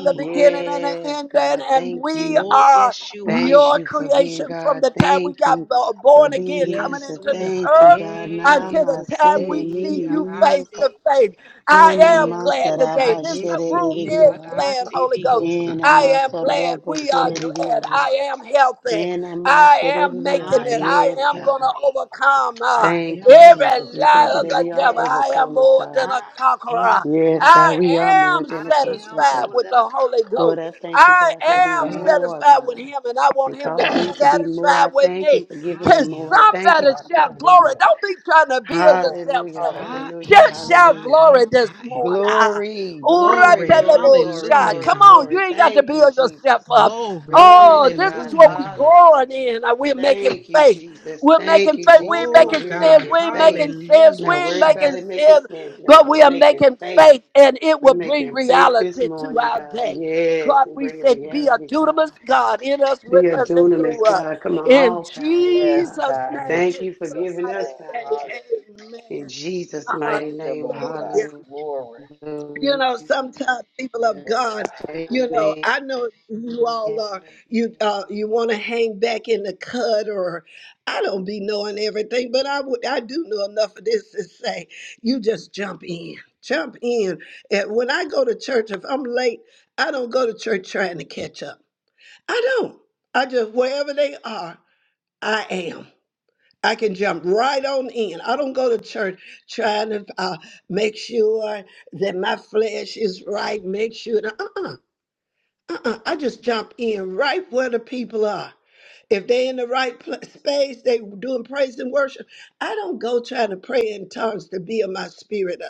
S1: the beginning and
S4: yes,
S1: the
S4: God.
S2: Yes,
S1: end, and,
S2: God.
S1: and
S2: Thank
S1: we
S2: you.
S4: Oh,
S1: are
S4: yes, you are,
S2: Thank
S1: your
S2: you
S4: Jesus.
S2: for being
S1: creation from
S2: God.
S1: the time we
S2: Thank
S1: got
S2: you
S1: bo-
S2: for
S1: born
S2: being
S1: again
S2: the
S1: coming
S4: Yes,
S2: answer.
S1: into
S4: we
S1: this
S2: Thank
S4: are.
S2: you,
S1: earth
S2: God.
S4: Yele
S1: until the time
S2: Namasene
S1: we see
S4: bosehi
S2: mini
S1: you
S2: nini
S1: face
S4: arande.
S2: yoka.
S1: to face. I
S2: Ena
S1: am
S4: Yele
S1: glad today.
S2: masaraba
S1: This
S4: bosayete
S1: room is
S2: sherererioha.
S1: glad,
S4: ikarande
S1: Holy Ghost.
S2: Ena
S4: diosata.
S1: I am glad.
S2: masorobo
S1: We are
S4: Yes,
S1: glad.
S2: selerioha.
S4: Lord.
S1: I am healthy.
S2: Ena
S1: I am making
S4: I
S2: masererioha.
S1: it. I
S4: am
S2: Yes,
S1: am
S2: God.
S1: going to
S4: healthy.
S1: overcome uh,
S4: I
S2: Thank
S4: am
S2: you,
S1: every
S2: Jesus.
S4: loved.
S2: We thank
S1: lie
S2: you
S1: of
S2: that
S4: He,
S1: the
S2: we are
S1: devil.
S4: yes,
S1: I am
S2: overcomers,
S1: more
S2: God.
S1: than a
S4: I am
S1: conqueror.
S2: Yes,
S4: going to
S2: God,
S1: I
S2: we
S4: over.
S2: are more
S1: am
S2: than a
S4: I am
S2: conqueror,
S1: satisfied
S2: God.
S4: more
S1: with
S4: than
S1: the
S4: a
S1: Holy
S4: conqueror.
S2: Lord,
S1: Ghost.
S2: I thank you,
S1: I
S2: God, for
S6: Yes,
S4: I
S1: am
S2: being
S6: God.
S4: am.
S2: more,
S1: satisfied with
S2: God,
S1: Him, and I want
S2: and
S1: Him to be
S2: causing me to be more.
S1: satisfied
S2: I
S1: with
S2: thank
S1: me.
S2: you for giving
S4: I
S2: me
S1: Can
S4: am.
S2: more. I
S6: Yes,
S2: thank you
S1: somebody
S2: for
S6: God.
S2: giving
S1: shout
S2: me
S1: glory?
S2: more.
S6: Hallelujah.
S1: Don't be trying to build
S6: Glory.
S1: yourself
S2: Hallelujah,
S1: up.
S6: Hallelujah.
S4: I
S2: hallelujah,
S1: Just
S4: am,
S1: shout
S4: I
S2: hallelujah.
S1: glory
S4: am,
S1: this
S4: I am.
S1: morning. Ah,
S2: Glory,
S1: Ura
S2: glory,
S4: Glory,
S2: glory,
S1: telebo
S2: glory,
S1: shai.
S4: hallelujah,
S2: glory,
S1: Come
S4: God.
S1: on, you
S2: glory.
S1: ain't got to
S2: Thank you,
S1: build yourself
S2: Jesus.
S1: up.
S4: Glory,
S2: Glory
S1: Oh,
S2: to
S1: this
S2: God.
S1: is
S4: hallelujah,
S1: what we're
S4: God.
S1: growing
S2: Hallelujah.
S1: in. Uh, We're making
S2: Thank you,
S1: faith.
S2: Jesus.
S1: We're
S2: Thank
S1: making
S2: you,
S1: faith. We
S2: Jesus.
S1: ain't
S2: Come
S4: Oh,
S1: making
S2: on, we're
S4: God,
S1: sins.
S2: making
S1: We ain't
S2: faith.
S1: making sins. We
S4: hallelujah,
S2: Not
S1: ain't
S2: worried about
S1: making
S4: Jesus.
S2: it making
S1: sins.
S2: sense now,
S1: But
S2: but
S1: we are
S2: making
S1: making
S2: faith.
S1: faith, and it
S2: We're
S1: will bring
S2: making faith this
S1: reality to
S2: morning,
S1: our
S2: God.
S1: day.
S2: Yes,
S1: God,
S2: and
S1: we
S2: bringing
S1: said, be a
S2: reality to our
S1: dunamis
S2: day.
S1: God in us,
S2: Be
S1: with
S2: a
S1: us, and
S2: dunamis,
S1: through us.
S2: God. Come on,
S1: In
S2: all powerful,
S6: Yes,
S2: God.
S1: Jesus'
S6: God.
S1: name,
S6: In
S2: Thank
S1: can
S2: you for
S6: Jesus'
S2: giving
S1: somebody
S2: us power,
S1: say
S2: God.
S6: name.
S2: In
S1: amen?
S2: Jesus' mighty
S6: Thank you,
S2: name,
S6: Lord
S1: Hallelujah.
S6: God.
S2: hallelujah.
S6: Glory.
S1: You know,
S2: Amen.
S1: sometimes people of
S6: Yes,
S1: God, you know,
S2: Amen.
S1: I know you all are, you uh, you want to hang back in the cut or I don't be knowing everything, but I would I do know enough of this to say you just jump in. Jump in. And when I go to church, if I'm late, I don't go to church trying to catch up. I don't. I just wherever they are, I am. I can jump right on in. I don't go to church trying to uh, make sure that my flesh is right, make sure. Uh uh-uh, uh. I just jump in right where the people are. If they in the right pl- space, they doing praise and worship. I don't go trying to pray in tongues to build my spirit up.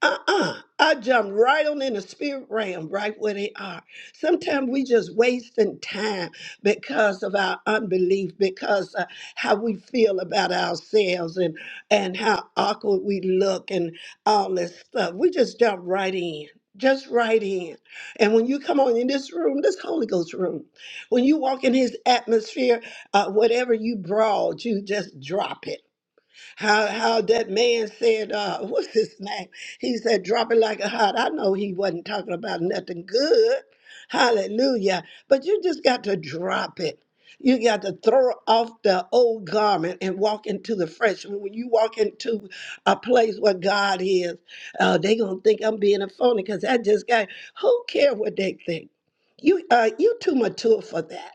S1: Uh-uh. I jump right on in the spirit realm, right where they are. Sometimes we just wasting time because of our unbelief, because uh, how we feel about ourselves and and how awkward we look and all this stuff. We just jump right in. Just right in. And when you come on in this room, this Holy Ghost room, when you walk in his atmosphere, uh, whatever you brought, you just drop it how how that man said, uh, *laughs* what's his name? He said, drop it like a hot. I know he wasn't talking about nothing good. Hallelujah. But you just got to drop it. You got to throw off the old garment and walk into the fresh. When you walk into a place where God is, uh, they gonna think I'm being a phony because I just got. Who care what they think? You uh, you too mature for that.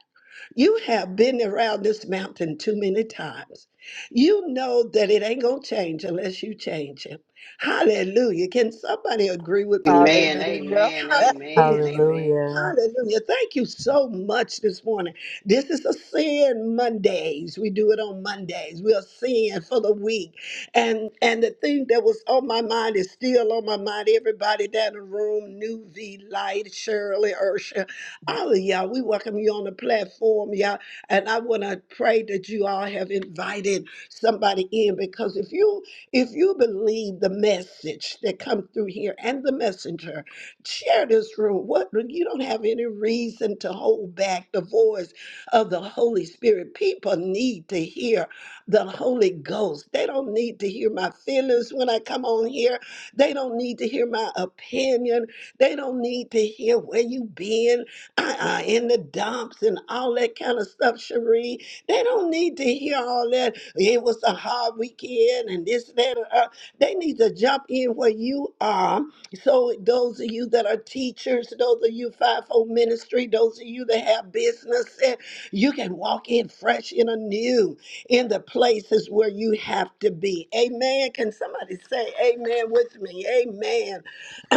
S1: You have been around this mountain too many times. You know that it ain't going to change unless you change it. Hallelujah. Can somebody agree
S2: Amen.
S1: with me
S6: God.
S1: with
S2: Amen.
S1: that?
S6: Hallelujah.
S2: Amen.
S6: *laughs*
S1: Hallelujah.
S2: Amen. Amen.
S7: Hallelujah.
S1: Hallelujah. Thank you so much this morning. This is a sin Mondays. We do it on Mondays. We are sin for the week. And and the thing that was on my mind is still on my mind. Everybody down the room, New V Light, Shirley, Ursha, all of y'all. We welcome you on the platform, y'all. And I want to pray that you all have invited somebody in because if you if you believe the message that come through here and the messenger, Share this room. What you don't have any reason to hold back the voice of the Holy Spirit. People need to hear the Holy Ghost. They don't need to hear my feelings when I come on here. They don't need to hear my opinion. They don't need to hear where you been *clears throat* uh-uh, in the dumps and all that kind of stuff, Cherie. They don't need to hear all that. It was a hard weekend and this, that, and uh, They need to jump in where you are so, those of you that are teachers, those of you fivefold ministry, those of you that have business, eh, you can walk in fresh and anew in the places where you have to be. Amen. Can somebody say amen with me? Amen.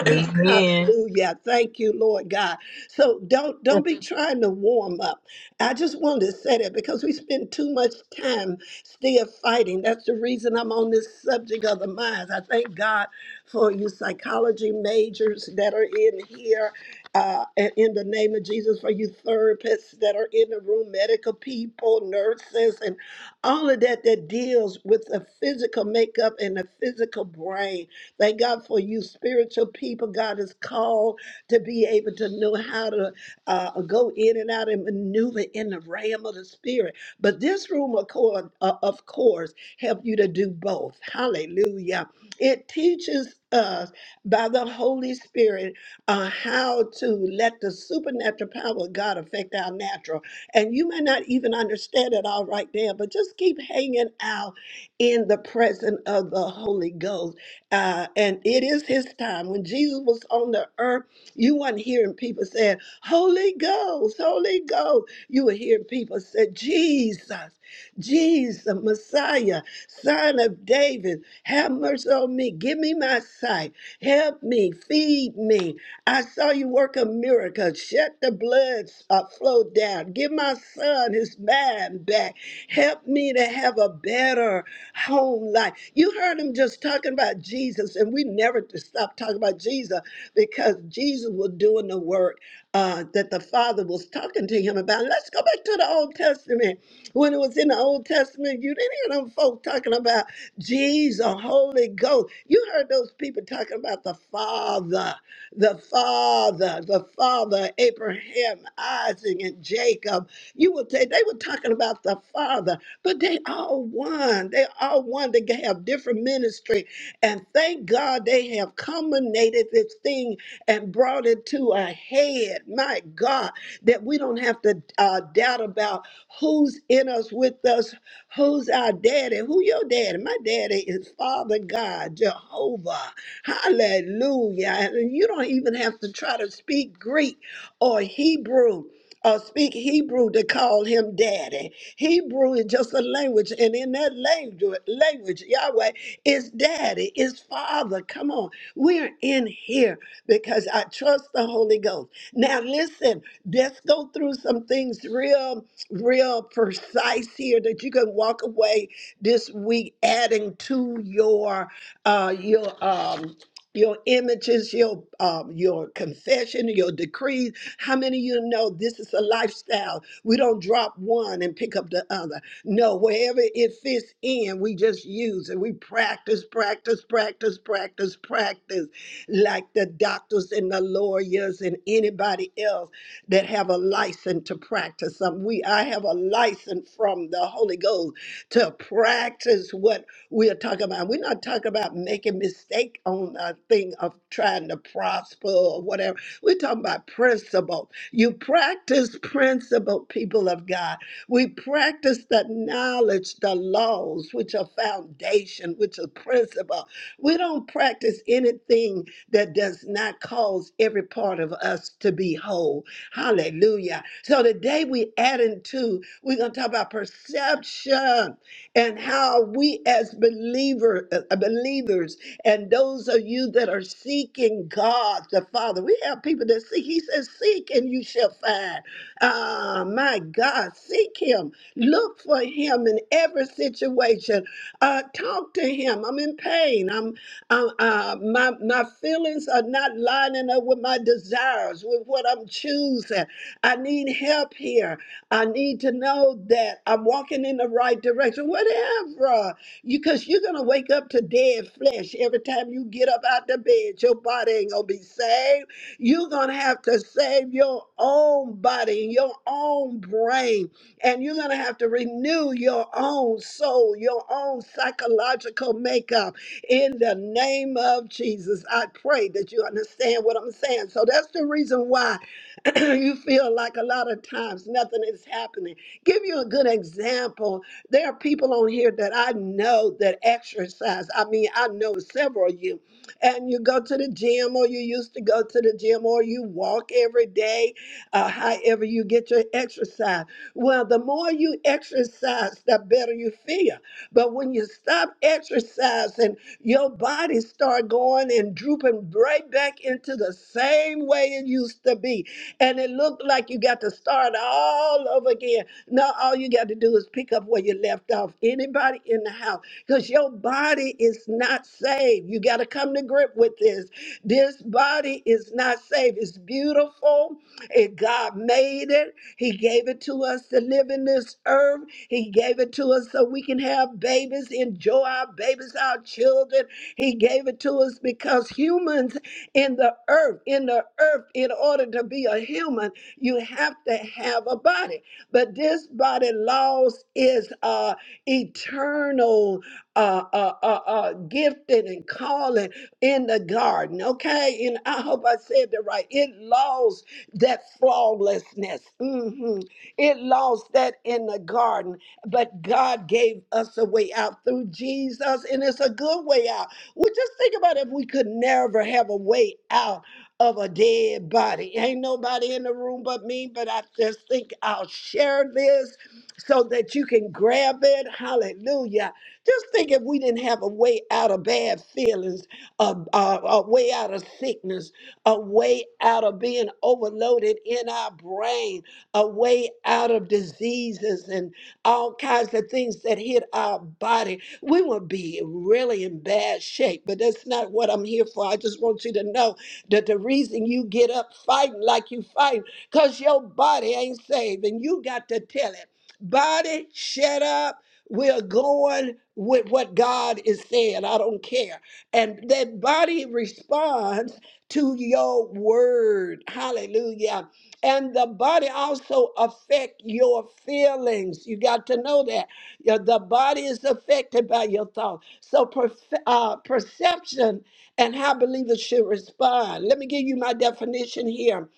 S7: Amen.
S1: Hallelujah. Thank you, Lord God. So don't
S5: you.
S1: don't be trying to warm up. I just wanted to say that because we spend too much time still fighting. That's the reason I'm on this subject of the minds. I thank God for you psychology majors that are in here. Uh, in in the name of Jesus, for you therapists that are in the room, medical people, nurses, and all of that that deals with the physical makeup and the physical brain Thank God for you, spiritual people. God is called to be able to know how to uh, go in and out and maneuver in the realm of the spirit. But this room, of course, uh, of course, help you to do both. Hallelujah! It teaches us by the Holy Spirit uh, how to let the supernatural power of God affect our natural. And you may not even understand it all right there, but just keep hanging out in the presence of the Holy Ghost uh, and it is his time. When Jesus was on the earth, you weren't hearing people saying, Holy Ghost, Holy Ghost. You were hearing people say, Jesus, Jesus, Messiah, Son of David, have mercy on me. Give me my sight. Help me. Feed me. I saw you work a miracle. Shut the blood uh, flow down. Give my son his mind back. Help me to have a better whole life. You heard him just talking about Jesus, and we never to stop talking about Jesus because Jesus was doing the work uh, that the Father was talking to him about. Let's go back to the Old Testament. When it was in the Old Testament, you didn't hear them folk talking about Jesus, Holy Ghost. You heard those people talking about the Father, the Father, the Father, Abraham, Isaac, and Jacob. You would say they were talking about the Father but they all one. They all one. They have different ministry. And thank God they have culminated this thing and brought it to a head. My God, that we don't have to uh, doubt about who's in us, with us, who's our daddy, who your daddy. My daddy is Father God, Jehovah. Hallelujah. And you don't even have to try to speak Greek or Hebrew uh, speak Hebrew to call him daddy. Hebrew is just a language, and in that language, language Yahweh is daddy, is father. Come on, we're in here because I trust the Holy Ghost. Now, listen, let's go through some things real, real precise here that you can walk away this week adding to your uh, your um, your images, your um, your confession, your decrees how many of you know this is a lifestyle? We don't drop one and pick up the other. No, wherever it fits in, we just use it. We practice, practice, practice, practice, practice, like the doctors and the lawyers and anybody else that have a license to practice something. We I have a license from the Holy Ghost to practice what we are talking about. We're not talking about making mistake on a thing of trying to prosper or whatever we're talking about principle. You practice principle, people of God. We practice the knowledge, the laws, which are foundation, which are principle. We don't practice anything that does not cause every part of us to be whole. Hallelujah. So today we add into, we're going to talk about perception and how we as believer, uh, believers and those of you that are seeking God the Father, we have people that seek. He says, Seek and you shall find. Ah, my God, seek Him. Look for Him in every situation. Uh, talk to Him. I'm in pain. I'm, i uh, my, my feelings are not lining up with my desires, with what I'm choosing. I need help here. I need to know that I'm walking in the right direction. Whatever. You because you're going to wake up to dead flesh every time you get up out the bed. Your body ain't going to be saved. You're going to have to save your own body, and your own brain, and you're going to have to renew your own soul, your own psychological makeup in the name of Jesus. I pray that you understand what I'm saying. So that's the reason why *clears throat* you feel like a lot of times nothing is happening. Give you a good example there are people on here that I know that exercise. I mean, I know several of you. And you go to the gym, or you used to go to the gym, or you walk every day, uh, however you get your exercise. Well, the more you exercise, the better you feel. But when you stop exercising, your body start going and drooping right back into the same way it used to be. And it looked like you got to start all over again. Now all you got to do is pick up where you left off. Anybody in the house, because your body is not saved. You got to come to grip with this. This body is not saved. It's beautiful. It, God made it. He gave it to us to live in this earth. He gave it to us so we can have babies, enjoy our babies, our children. He gave it to us because humans in the earth, in the earth, in order to be a human, you have to have a body. But this body lost is uh, eternal uh, uh, uh, uh, gifting and calling in the garden. Okay, and I hope I said that right. It lost that flawlessness. hmm It lost that in the garden, but God gave us a way out through Jesus, and it's a good way out. Well, just think about if we could never have a way out of a dead body. Ain't nobody in the room but me, but I just think I'll share this so that you can grab it. Hallelujah. Just think if we didn't have a way out of bad feelings, a, a, a way out of sickness, a way out of being overloaded in our brain, a way out of diseases and all kinds of things that hit our body, we would be really in bad shape. But that's not what I'm here for. I just want you to know that the reason you get up fighting like you fighting, because your body ain't saved. And you got to tell it, body, shut up. We're going with what God is saying. I don't care. And that body responds to your word. Hallelujah. And the body also affect your feelings. You got to know that. Your- The body is affected by your thoughts. So perf- uh, perception and how believers should respond. Let me give you my definition here.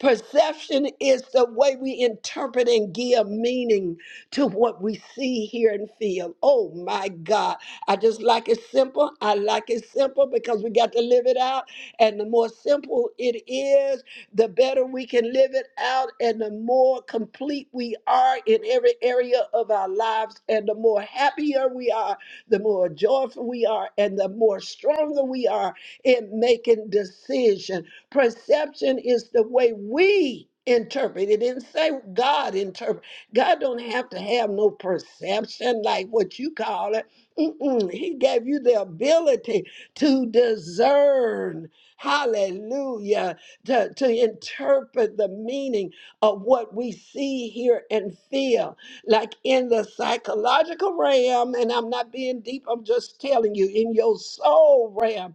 S1: Perception is the way we interpret and give meaning to what we see, hear, and feel. Oh my God. I just like it simple. I like it simple because we got to live it out. And the more simple it is, the better we can live it out and the more complete we are in every area of our lives and the more happier we are the more joyful we are, and the more stronger we are in making decision. Perception is the way we interpret. It didn't say God interpret. God don't have to have no perception like what you call it. Mm-mm. He gave you the ability to discern. Hallelujah. To, to interpret the meaning of what we see, hear, and feel like in the psychological realm, and I'm not being deep, I'm just telling you, in your soul realm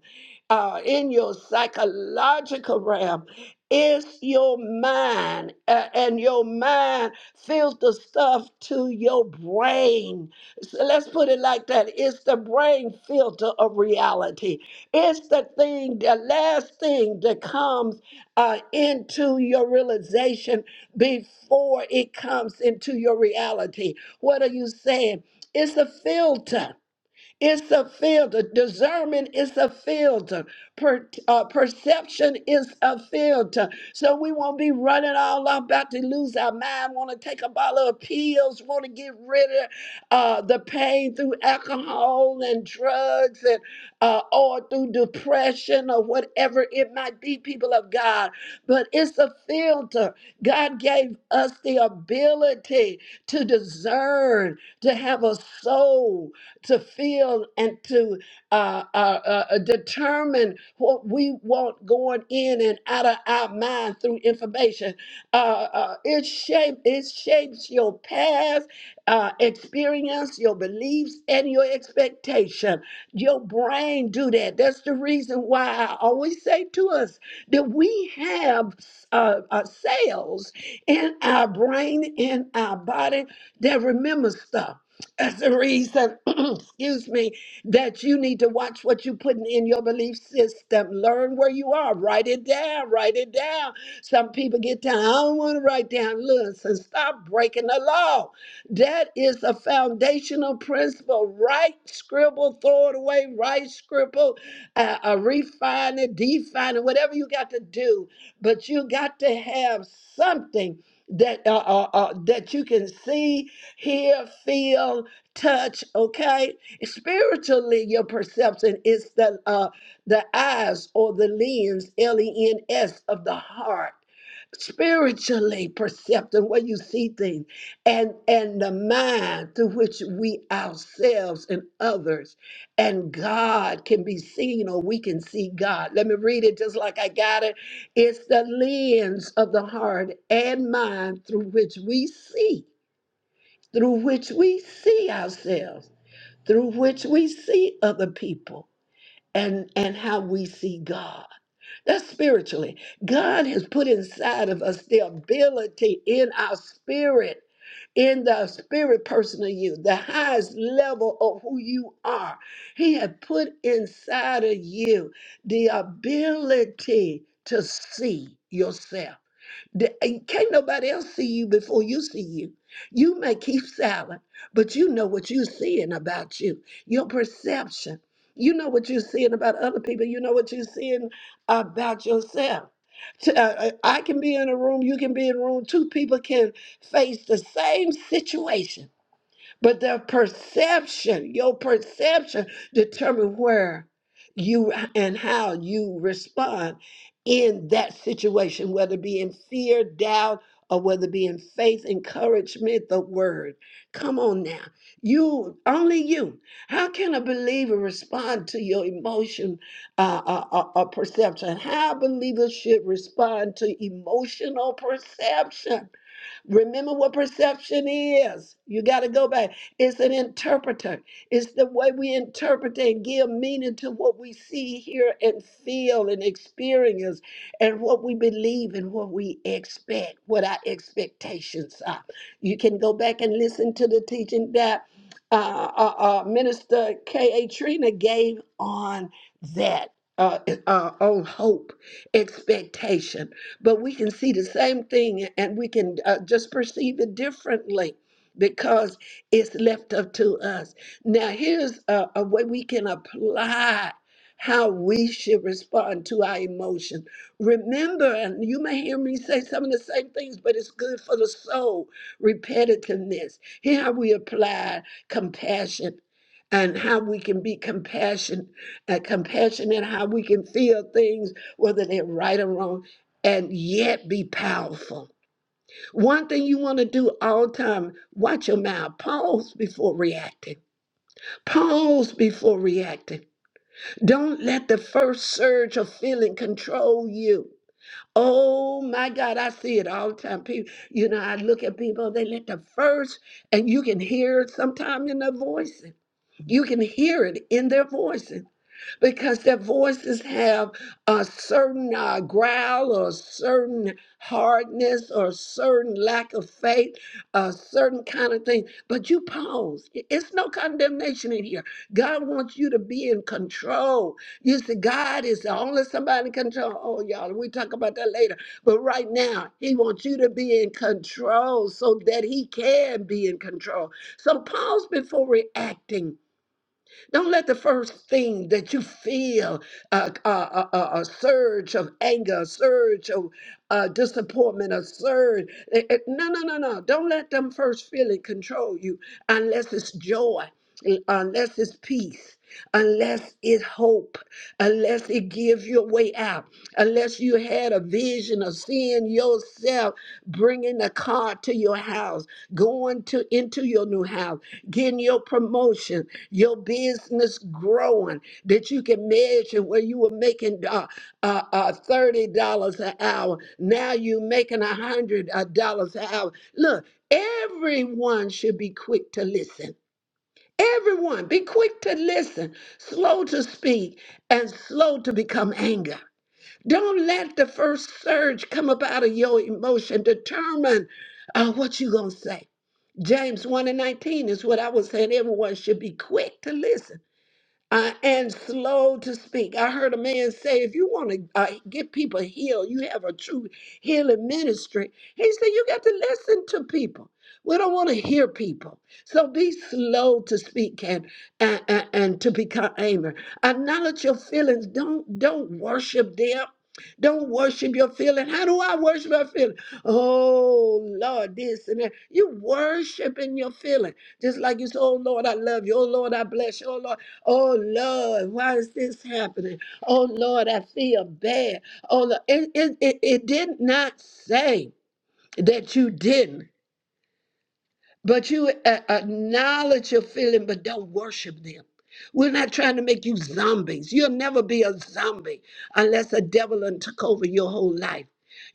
S1: uh, in your psychological realm it's your mind, uh, and your mind fills the stuff to your brain. So let's put it like that it's the brain filter of reality. It's the thing, the last thing that comes uh, into your realization before it comes into your reality. What are you saying? It's a filter it's a filter. Discernment is a filter. Per, uh, perception is a filter. So we won't be running all up about to lose our mind, want to take a bottle of pills, want to get rid of uh, the pain through alcohol and drugs and uh, or through depression or whatever it might be, people of God. But it's a filter. God gave us the ability to discern, to have a soul, to feel and to uh, uh, uh, uh, determine what we want going in and out of our mind through information. Uh, uh, it, shape, it shapes your past uh, experience, your beliefs, and your expectation. Your brain do that. That's the reason why I always say to us that we have uh, uh, cells in our brain, in our body that remember stuff. That's the reason, *clears throat* excuse me, that you need to watch what you're putting in your belief system. Learn where you are. Write it down. Write it down. Some people get down. I don't want to write down. Listen, stop breaking the law. That is a foundational principle. Write, scribble, throw it away. Write, scribble, uh, uh, refine it, define it, whatever you got to do. But you got to have something that uh, uh, uh, that you can see, hear, feel, touch okay spiritually your perception is the uh the eyes or the lens l-e-n-s of the heart spiritually perceptive where you see things and and the mind through which we ourselves and others and god can be seen or we can see god let me read it just like i got it it's the lens of the heart and mind through which we see through which we see ourselves through which we see other people and and how we see God. That's spiritually. God has put inside of us the ability in our spirit, in the spirit person of you, the highest level of who you are. He had put inside of you the ability to see yourself the- and Can't nobody else see you before you see you. You may keep silent, but you know what you're seeing about you, your perception. You know what you're seeing about other people. You know what you're seeing about yourself. T- uh, uh, I can be in a room, you can be in a room. Two people can face the same situation but the perception, your perception determine where you and how you respond in that situation, whether it be in fear, doubt, or whether it be in faith, encouragement, the word. Come on now. You, only you. How can a believer respond to your emotion uh, uh, uh, uh, perception? How believers should respond to emotional perception Remember what perception is. You got to go back. It's an interpreter, it's the way we interpret and give meaning to what we see, hear, and feel and experience, and what we believe and what we expect, what our expectations are. You can go back and listen to the teaching that. Uh, uh, uh, Minister K.A. Trina gave on that, uh, uh, on hope, expectation but we can see the same thing and we can uh, just perceive it differently because it's left up to us. Now, here's a, a way we can apply how we should respond to our emotion. Remember, and you may hear me say some of the same things, but it's good for the soul. Repetitiveness. Here, how we apply compassion. And how we can be compassionate, uh, compassionate, how we can feel things, whether they're right or wrong and yet be powerful. One thing you want to do all the time, watch your mouth. Pause before reacting. Pause before reacting. Don't let the first surge of feeling control you. Oh my God, I see it all the time. People, you know, I look at people, they let the first, and you can hear it sometime in their voicing. You can hear it in their voices because their voices have a certain uh, growl or a certain hardness or a certain lack of faith, a certain kind of thing. But you pause. I- It's no condemnation in here. God wants you to be in control. You see, God is the only somebody in control. Oh, y'all, we talk about that later. But right now, He wants you to be in control so that He can be in control. So pause before reacting don't let the first thing that you feel uh, uh, uh, uh, a surge of anger, a surge of uh, disappointment, a surge. eh, eh, No, no, no, no. Don't let them first feeling control you unless it's joy, un- unless it's peace, unless it's hope, unless it gives you a way out, unless you had a vision of seeing yourself bringing a car to your house, going to into your new house, getting your promotion your business growing that you can measure where you were making uh, uh, uh, thirty dollars an hour. Now you're making a hundred uh, dollars an hour. Look, everyone should be quick to listen. Everyone, be quick to listen, slow to speak, and slow to become anger. Don't let the first surge come up out of your emotion determine uh, what you're going to say. James 1 and 19 is what I was saying. Everyone should be quick to listen uh, and slow to speak. I heard a man say, if you want to uh, get people healed, you have a true healing ministry. He said, you got to listen to people. We don't want to hear people. So be slow to speak and, and, and, and to become angry. Acknowledge your feelings. Don't, don't worship them. Don't worship your feeling. How do I worship my feeling? Oh Lord, this and that. You worshiping your feeling. Just like you say, oh Lord, I love you. Oh Lord, I bless you. Oh Lord. Oh Lord, why is this happening? Oh Lord, I feel bad. Oh Lord, it, it, it, it did not say that you didn't. But you a- acknowledge your feeling, but don't worship them. We're not trying to make you zombies. You'll never be a zombie unless a devil done took over your whole life.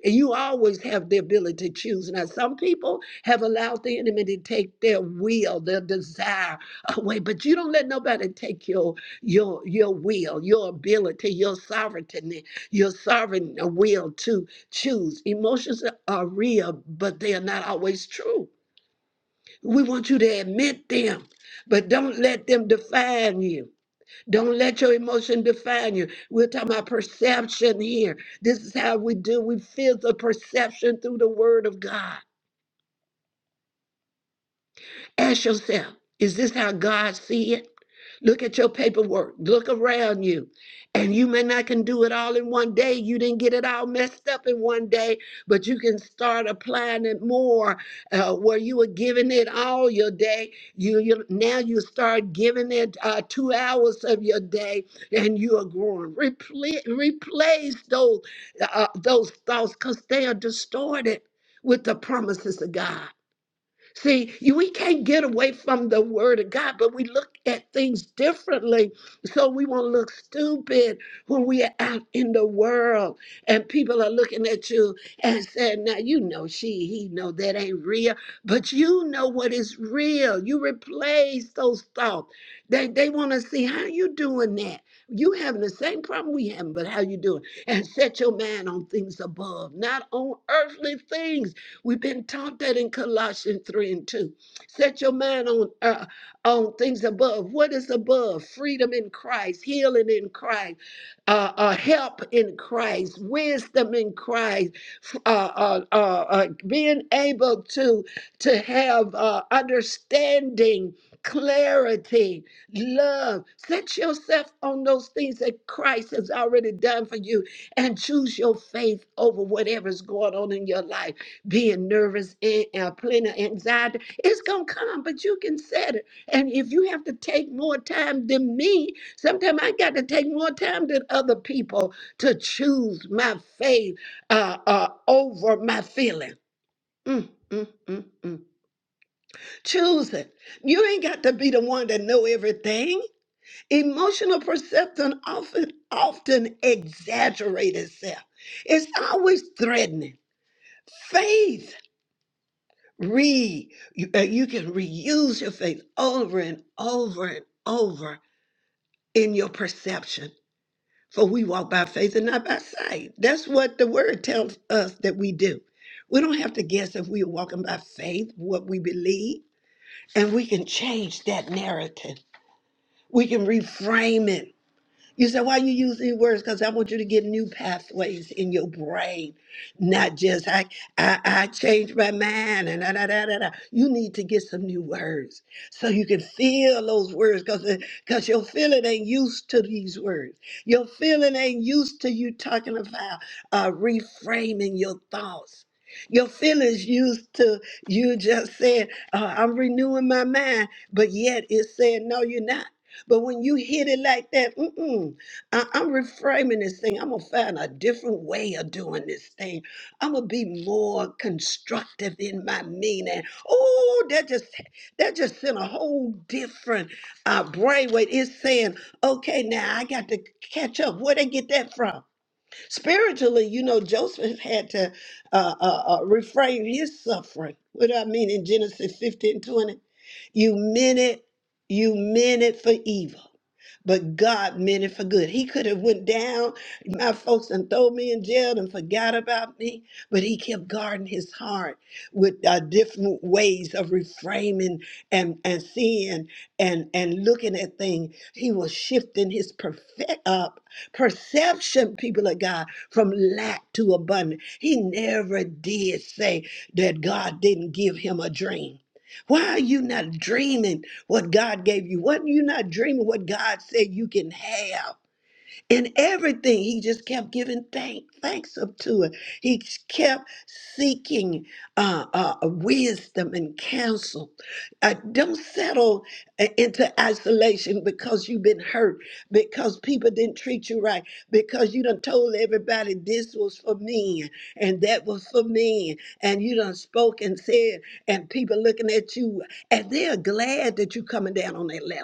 S1: And you always have the ability to choose. Now, some people have allowed the enemy to take their will, their desire away, but you don't let nobody take your your your will, your ability, your sovereignty, your sovereign will to choose. Emotions are real, but they are not always true. We want you to admit them, but don't let them define you. Don't let your emotion define you. We're talking about perception here. This is how we do. We feel the perception through the word of God. Ask yourself, is this how God see it? Look at your paperwork. Look around you. And you may not can do it all in one day. You didn't get it all messed up in one day, but you can start applying it more uh, where you were giving it all your day. You, you now you start giving it uh, two hours of your day, and you are growing. Repla- replace those uh, those thoughts because they are distorted with the promises of God. See, you- we can't get away from the word of God, but we look at things differently. So we won't look stupid when we are out in the world and people are looking at you and saying, Now you know she, he know that ain't real, but you know what is real. You replace those thoughts. They they want to see how you doing that. You having the same problem we having, but how you doing? And set your mind on things above, not on earthly things We've been taught that in Colossians 3 and 2. Set your mind on uh, on things above. What is above? Freedom in Christ, healing in Christ, uh, uh, help in Christ, wisdom in Christ uh, uh, uh, uh, being able to to have uh, understanding, clarity, love. Set yourself on those things that Christ has already done for you, and choose your faith over whatever's going on in your life. Being nervous and uh, plenty of anxiety, it's gonna come, but you can set it. And if you have to take more time than me, sometimes I got to take more time than other people to choose my faith uh, uh, over my feeling. Mm, mm, mm, mm. Choose it. You ain't got to be the one that know everything. Emotional perception often often exaggerate itself. It's always threatening. Faith. Read. You, uh, you can reuse your faith over and over and over in your perception. For we walk by faith and not by sight. That's what the word tells us that we do. We don't have to guess if we are walking by faith, what we believe, and we can change that narrative. We can reframe it you say why you use these words? Because I want you to get new pathways in your brain, not just I I, I changed my mind and da, da, da, da, da. You need to get some new words so you can feel those words because because your feeling ain't used to these words. Your feeling ain't used to you talking about uh, reframing your thoughts. Your feelings used to you just saying, uh, I'm renewing my mind, but yet it's saying, no, you're not. But when you hit it like that, mm-mm, I, am reframing this thing. I'm going to find a different way of doing this thing. I'm going to be more constructive in my meaning. Oh, that just that just sent a whole different uh, brainwave. It's saying, okay, now I got to catch up. Where they get that from? Spiritually, you know, Joseph had to uh, uh, uh, refrain his suffering. What do I mean in Genesis 15 20, You meant it, you meant it for evil. But God meant it for good. He could have went down, my folks, and throw me in jail and forgot about me. But he kept guarding his heart with uh, different ways of reframing and and seeing and and looking at things. He was shifting his perfect uh, perception, people of God, from lack to abundance. He never did say that God didn't give him a dream. Why are you not dreaming what God gave you? Why are you not dreaming what God said you can have? In everything, he just kept giving thank, thanks up to it. He just kept seeking uh, uh, uh, wisdom and counsel. Uh, don't settle uh, into isolation because you've been hurt, because people didn't treat you right, because you done told everybody this was for me and that was for me, and you done spoke and said, and people looking at you, and they're glad that you're coming down on their level.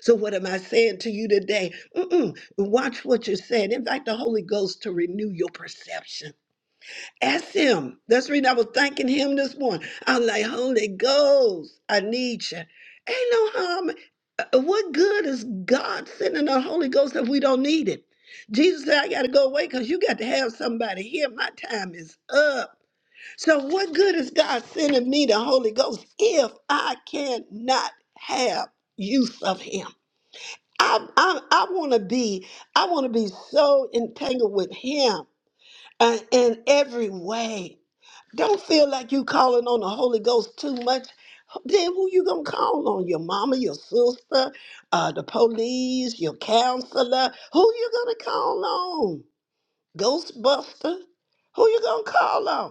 S1: So, what am I saying to you today? Mm-mm. Watch what you're saying. Invite the Holy Ghost to renew your perception. Ask Him. That's the reason I was thanking Him this morning. I'm like, Holy Ghost, I need you. Ain't no harm. uh, What good is God sending the Holy Ghost if we don't need it? Jesus said, I got to go away because you got to have somebody here. My time is up. So, what good is God sending me the Holy Ghost if I cannot have use of Him? I, I, I want to be, I want to be so entangled with Him uh, in every way. Don't feel like you calling on the Holy Ghost too much. Then who you gonna call on? Your mama, your sister, uh, the police, your counselor. Who you gonna call on? Ghostbuster. Who you gonna call on?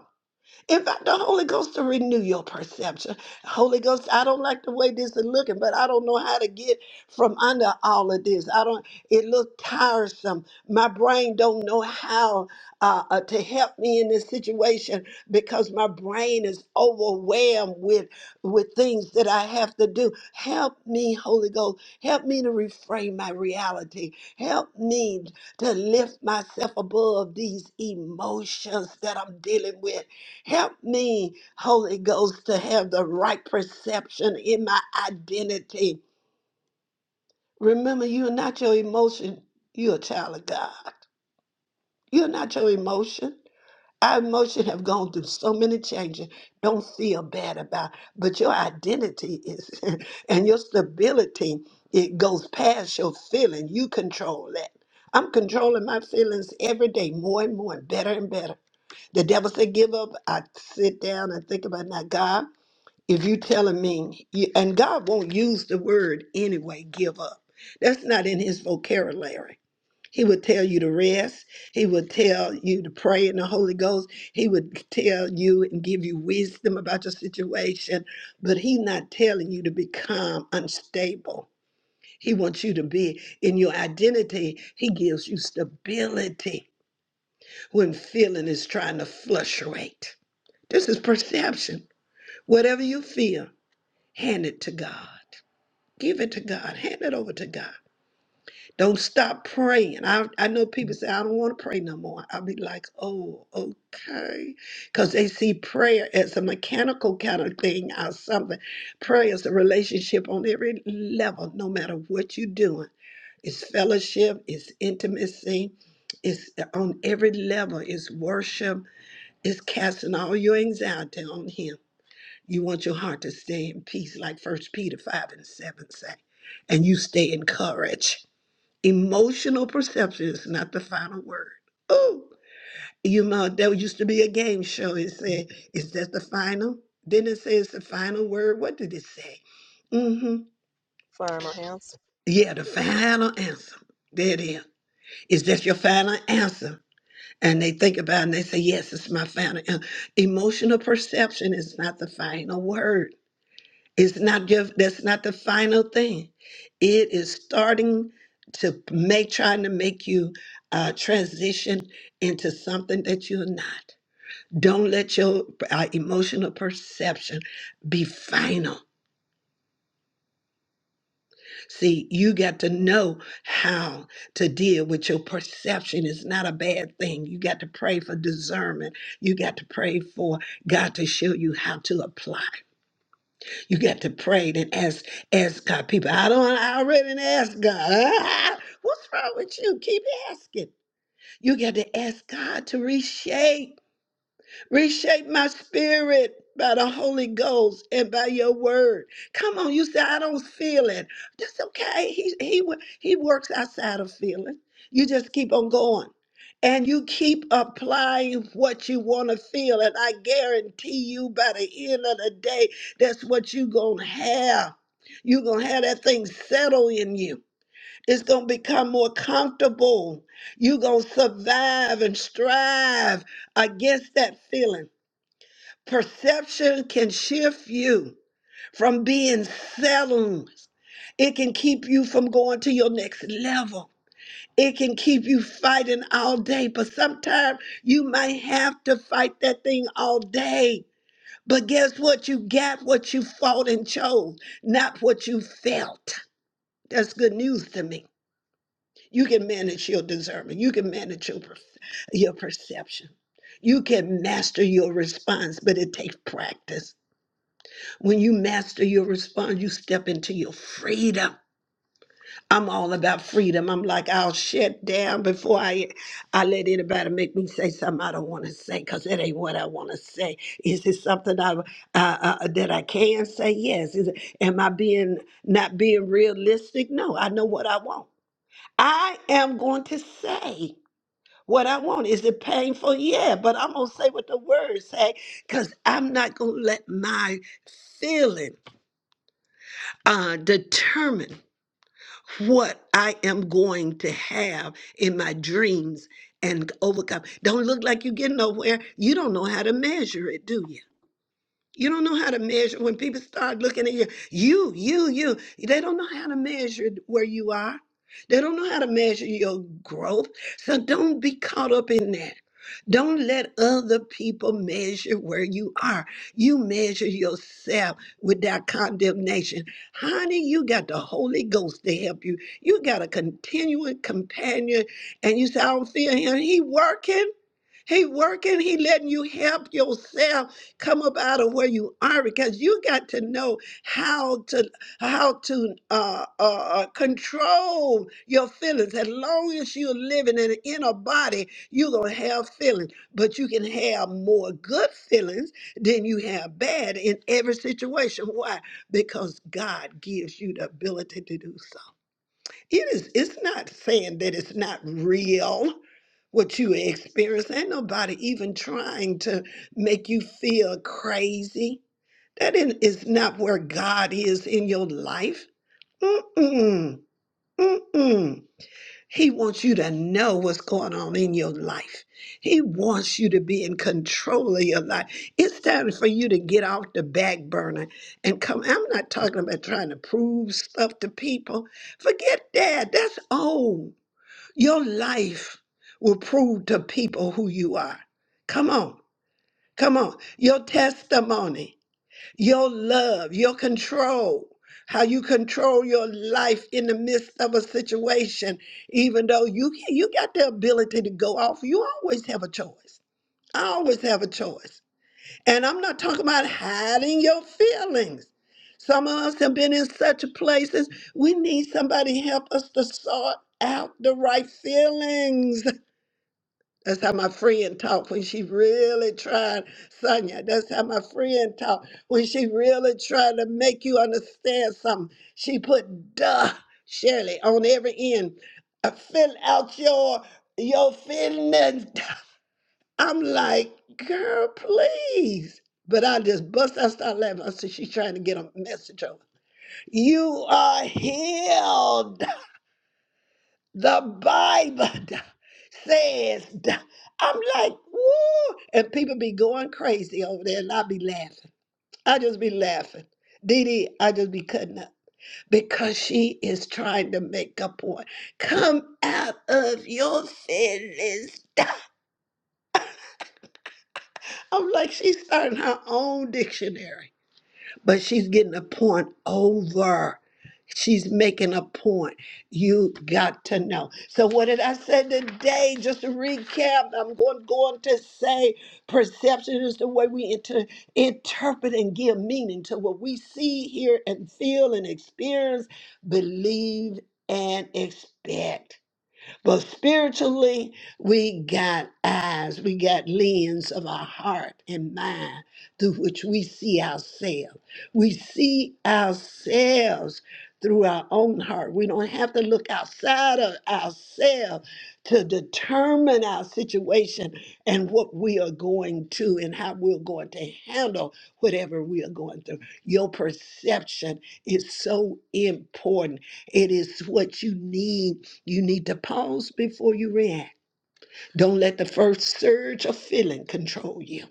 S1: Invite the Holy Ghost to renew your perception. Holy Ghost, I don't like the way this is looking, but I don't know how to get from under all of this. I don't. It look tiresome. My brain don't know how uh, uh, to help me in this situation because my brain is overwhelmed with with things that I have to do. Help me, Holy Ghost. Help me to reframe my reality. Help me to lift myself above these emotions that I'm dealing with Help me, Holy Ghost, to have the right perception in my identity. Remember, you're not your emotion. You're a child of God. You're not your emotion. Our emotion have gone through so many changes. Don't feel bad about. But your identity is, *laughs* and your stability, it goes past your feeling. You control that. I'm controlling my feelings every day, more and more, and better and better. The devil said, "Give up." I sit down and think about now, God. if you telling me you- and god won't use the word anyway give up that's not in his vocabulary he would tell you to rest he would tell you to pray in the holy ghost he would tell you and give you wisdom about your situation but he's not telling you to become unstable he wants you to be in your identity he gives you stability when feeling is trying to fluctuate this is perception whatever you feel Hand it to God. Give it to God. Hand it over to God. Don't stop praying. I, I know people say, I don't want to pray no more. I'll be like, oh, okay. Because they see prayer as a mechanical kind of thing or something. Prayer is a relationship on every level, no matter what you're doing. It's fellowship, it's intimacy, it's uh, on every level, it's worship, it's casting all your anxiety on Him you want your heart to stay in peace, like First Peter 5 and 7 say, and you stay encouraged. Emotional perception is not the final word. Oh, you know, there used to be a game show. It said, Is that the final? Didn't it say it's the final word? What did it say? Mm-hmm.
S6: Final answer.
S1: Yeah, the final answer. There it is. Is that your final answer? And they think about it and they say, Yes, it's my final answer. Emotional perception is not the final word. It's not just that's not the final thing. It is starting to make trying to make you uh, transition into something that you're not. Don't let your uh, emotional perception be final. See, you got to know how to deal with your perception. It's not a bad thing. You got to pray for discernment. You got to pray for God to show you how to apply. You got to pray and ask ask God people. I don't I already done asked God. *laughs* What's wrong with you? Keep asking. You got to ask God to reshape. Reshape my spirit by the Holy Ghost and by your word. Come on, you say I don't feel it. That's okay. He he wo- he works outside of feeling. You just keep on going. And you keep applying what you want to feel. And I guarantee you by the end of the day, that's what you're gonna have. You're gonna have that thing settle in you. It's gonna become more comfortable. You're gonna survive and strive against that feeling Perception can shift you from being settled. It can keep you from going to your next level. It can keep you fighting all day, but sometimes you might have to fight that thing all day. But guess what? You got what you fought and chose, not what you felt. That's good news to me. You can manage your discernment. You can manage your, per- your perception. You can master your response, but it takes practice. When you master your response, you step into your freedom. I'm all about freedom. I'm like, I'll shut down before I, I let anybody make me say something I don't want to say because it ain't what I want to say. Is it something I, uh, uh, that I can say? Yes. Is it, am I being not being realistic? No, I know what I want. I am going to say what I want. Is it painful? Yeah, but I'm going to say what the words say because I'm not going to let my feelings uh, determine what I am going to have in my dreams and overcome. Don't look like you're getting nowhere. You don't know how to measure it, do you? You don't know how to measure. When people start looking at you, you, you, you, they don't know how to measure where you are. They don't know how to measure your growth. So don't be caught up in that. Don't let other people measure where you are. You measure yourself without condemnation. Honey, you got the Holy Ghost to help you. You got a continuing companion, and you say, I don't feel him. He working. He working, he letting you help yourself come up out of where you are because you got to know how to how to uh, uh, uh, control your feelings. As long as you're living in an inner body, you're gonna have feelings, but you can have more good feelings than you have bad in every situation. Why? Because God gives you the ability to do so. It is it's not saying that it's not real what you experience. Ain't nobody even trying to make you feel crazy. That in- is not where God is in your life. Mm-mm. Mm-mm. He wants you to know what's going on in your life. He wants you to be in control of your life. It's time for you to get off the back burner and come. I'm not talking about trying to prove stuff to people. Forget that. That's old. Your life will prove to people who you are. Come on. Come on. Your testimony your love, your control, how you control your life in the midst of a situation, even though you you got the ability to go off. You always have a choice. I always have a choice. And I'm not talking about hiding your feelings. Some of us have been in such places. We need somebody to help us to sort out the right feelings. *laughs* That's how my friend talked when she really tried, Sonia. That's how my friend talked when she really tried to make you understand something. She put duh, Shirley, on every end. Uh, Fill out your your feelings. I'm like, girl, please. But I just bust. I start laughing. I said, she's trying to get a message over. You are healed. The Bible *laughs* says, that- I'm like, woo! And people be going crazy over there, and I be laughing. I just be laughing. Dee Dee, I just be cutting up because she is trying to make a point. Come out of your feelings. *laughs* I'm like, she's starting her own dictionary. but she's getting a point over. She's making a point. You got to know. So, what did I say today? Just to recap, I'm going, going to say perception is the way we inter- interpret and give meaning to what we see, hear, and feel and experience, believe, and expect. But spiritually, we got eyes, we got lens of our heart and mind through which we see ourselves. We see ourselves through our own heart. We don't have to look outside of ourselves to determine our situation and what we are going to and how we're going to handle whatever we are going through. Your perception is so important. It is what you need you need to pause before you react. Don't let the first surge of feeling control you.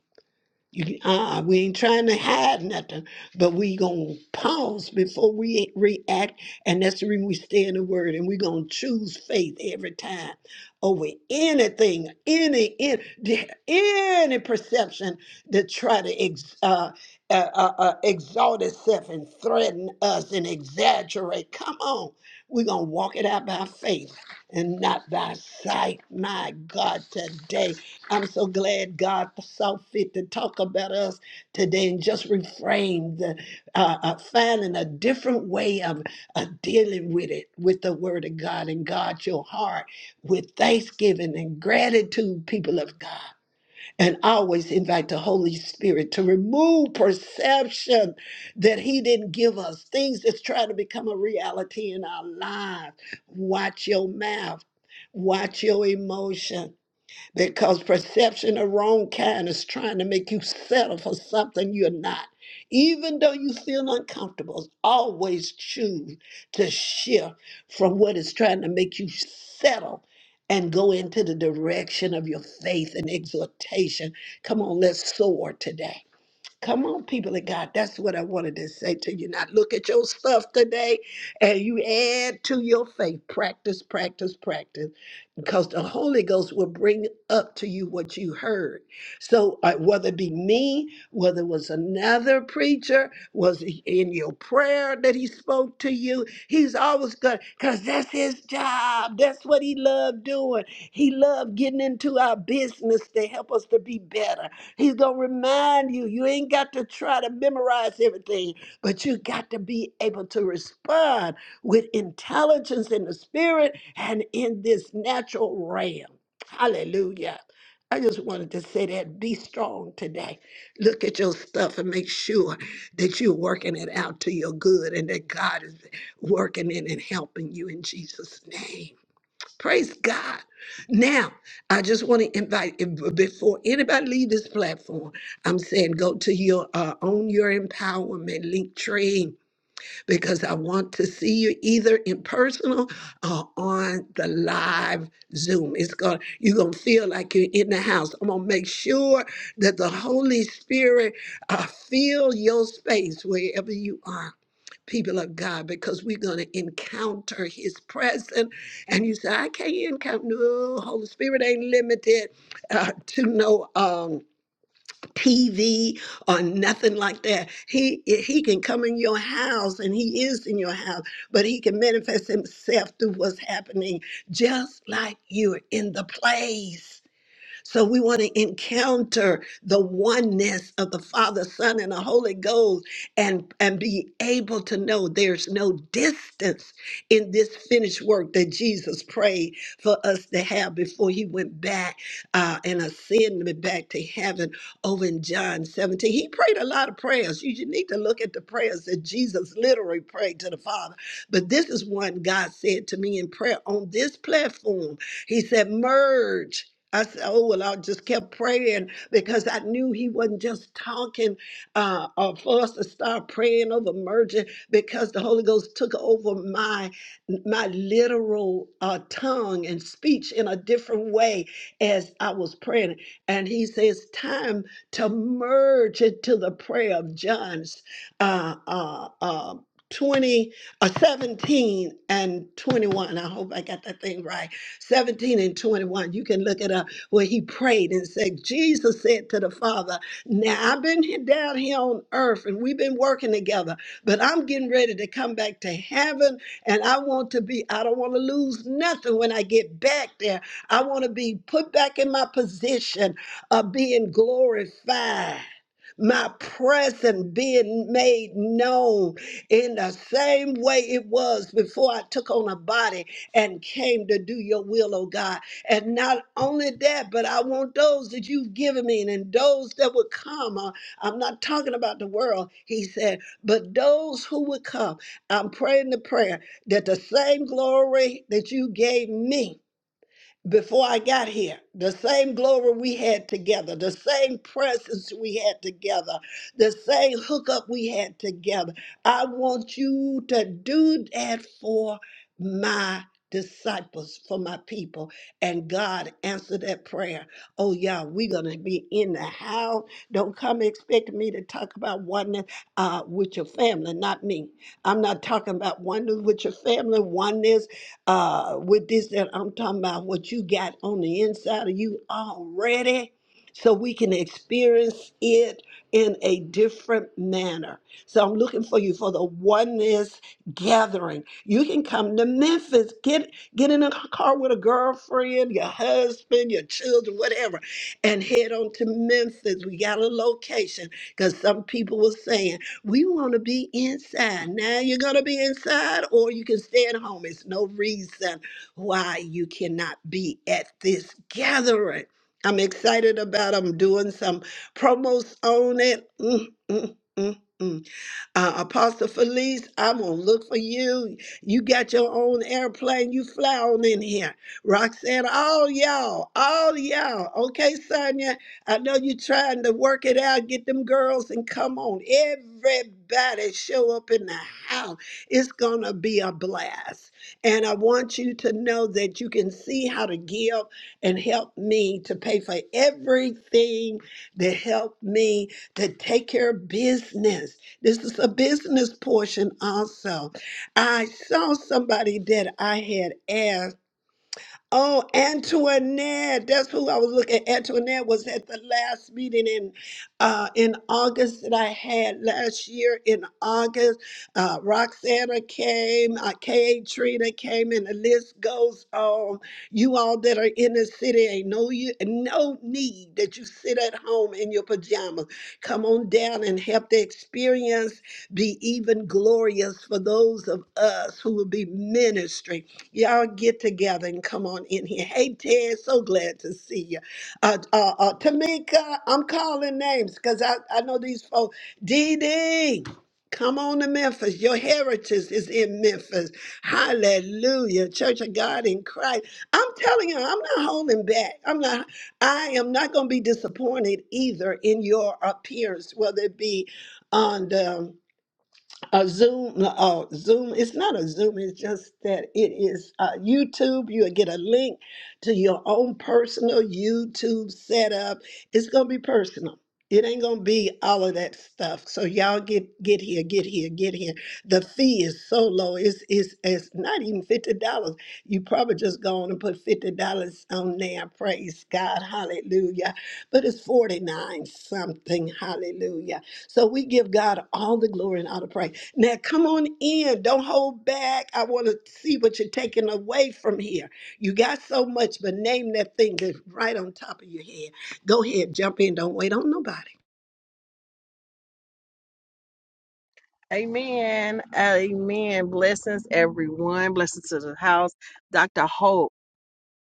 S1: You, uh, we ain't trying to hide nothing, but we gonna pause before we react, and that's the reason we stay in the Word, and we gonna choose faith every time over anything, any any, any perception that try to ex, uh, uh, uh, uh, exalt itself and threaten us and exaggerate. Come on, we gonna walk it out by faith and not by sight. My God, today. I'm so glad God saw fit to talk about us today and just reframe the uh, uh, finding a different way of uh, dealing with it, with the Word of God and God your heart with thanksgiving and gratitude, people of God. And always invite the Holy Spirit to remove perception that He didn't give us, things that's trying to become a reality in our lives. Watch your mouth, watch your emotion because perception of wrong kind is trying to make you settle for something you're not. Even though you feel uncomfortable, always choose to shift from what is trying to make you settle and go into the direction of your faith and exhortation. Come on, let's soar today. Come on, people of God. That's what I wanted to say to you. Not look at your stuff today and you add to your faith. Practice, practice, practice. Because the Holy Ghost will bring up to you what you heard. So uh, whether it be me, whether it was another preacher, was it in your prayer that he spoke to you, he's always good because that's his job. That's what he loved doing. He loved getting into our business to help us to be better. He's going to remind you. You ain't got to try to memorize everything, but you got to be able to respond with intelligence in the spirit and in this natural realm. Hallelujah. I just wanted to say that be strong today. Look at your stuff and make sure that you're working it out to your good and that God is working in and helping you in Jesus' name. Praise God. Now, I just want to invite if- before anybody leave this platform, I'm saying go to your uh, own your empowerment link tree because I want to see you either in personal or on the live Zoom. It's gonna you're gonna feel like you're in the house. I'm gonna make sure that the Holy Spirit uh, fill your space wherever you are people of God, because we're going to encounter His presence. And you say, I can't encounter. No, Holy Spirit ain't limited uh, to no um, TV or nothing like that. He He can come in your house, and He is in your house, but He can manifest Himself through what's happening, just like you're in the place. So we want to encounter the oneness of the Father, Son, and the Holy Ghost and, and be able to know there's no distance in this finished work that Jesus prayed for us to have before he went back uh, and ascended back to heaven over in John 17. He prayed a lot of prayers. You, you need to look at the prayers that Jesus literally prayed to the Father. But this is one God said to me in prayer on this platform. He said, Merge. I said, oh, well, I just kept praying because I knew he wasn't just talking uh, uh, for us to start praying over merging because the Holy Ghost took over my my literal uh, tongue and speech in a different way as I was praying. And he says, time to merge into the prayer of John's uh, uh, uh, 20, uh, 17 and 21. I hope I got that thing right 17 and 21. You can look it up where he prayed and said, Jesus said to the Father, Now I've been here- down here on earth and we've been working together, but I'm getting ready to come back to heaven and I want to be, I don't want to lose nothing when I get back there. I want to be put back in my position of being glorified. My presence being made known in the same way it was before I took on a body and came to do your will, oh God. And not only that, but I want those that you've given me and those that would come. uh, I'm not talking about the world, he said, but those who would come. I'm praying the prayer that the same glory that you gave me before I got here. The same glory we had together, the same presence we had together, the same hookup we had together. I want you to do that for my disciples, for my people. And God answered that prayer. Oh, yeah, we're going to be in the house. Don't come expecting me to talk about oneness uh, with your family, not me. I'm not talking about oneness with your family, oneness uh, with this that I'm talking about, what you got on the inside of you already, so we can experience it in a different manner. So I'm looking for you for the oneness gathering. You can come to Memphis, get get in a car with a girlfriend, your husband, your children, whatever, and head on to Memphis. We got a location because some people were saying. We want to be inside. Now you're going to be inside or you can stay at home. It's no reason why you cannot be at this gathering. I'm excited about I'm doing some promos on it. Mm, mm, mm, mm. Uh, Apostle Felice, I'm going to look for you. You got your own airplane. You fly on in here. Roxanne, all y'all, all y'all. Okay, Sonia, I know you're trying to work it out. Get them girls and come on. Everybody show up in the house. It's going to be a blast. And I want you to know that you can see how to give and help me to pay for everything that helped me to take care of business. This is a business portion also. I saw somebody that I had asked. Oh, Antoinette. That's who I was looking Antoinette was at the last meeting in uh, in August that I had last year in August. Uh, Roxana came, uh, K.A. Trina came, and the list goes on. You all that are in the city, ain't no, you, no need that you sit at home in your pajamas. Come on down and help the experience be even glorious for those of us who will be ministering. Y'all get together and come on in here. Hey, Ted, so glad to see you. Uh, uh, uh, Tamika, I'm calling names because I, I know these folks. Dee Dee, come on to Memphis. Your heritage is in Memphis. Hallelujah. Church of God in Christ. I'm telling you, I'm not holding back. I'm not, I am not going to be disappointed either in your appearance, whether it be on the a Zoom, no, uh, Zoom, it's not a Zoom, it's just that it is uh, YouTube. You'll get a link to your own personal YouTube setup. It's going to be personal. It ain't gonna be all of that stuff. So y'all get get here, get here, get here. The fee is so low. It's it's, it's not even fifty dollars. You probably just go on and put fifty dollars on there. Praise God, hallelujah. But it's forty nine something, hallelujah. So we give God all the glory and all the praise. Now come on in. Don't hold back. I want to see what you're taking away from here. You got so much, but name that thing that's right on top of your head. Go ahead, jump in. Don't wait on nobody.
S6: Amen. Amen. Blessings, everyone. Blessings to the house. Dr. Hope,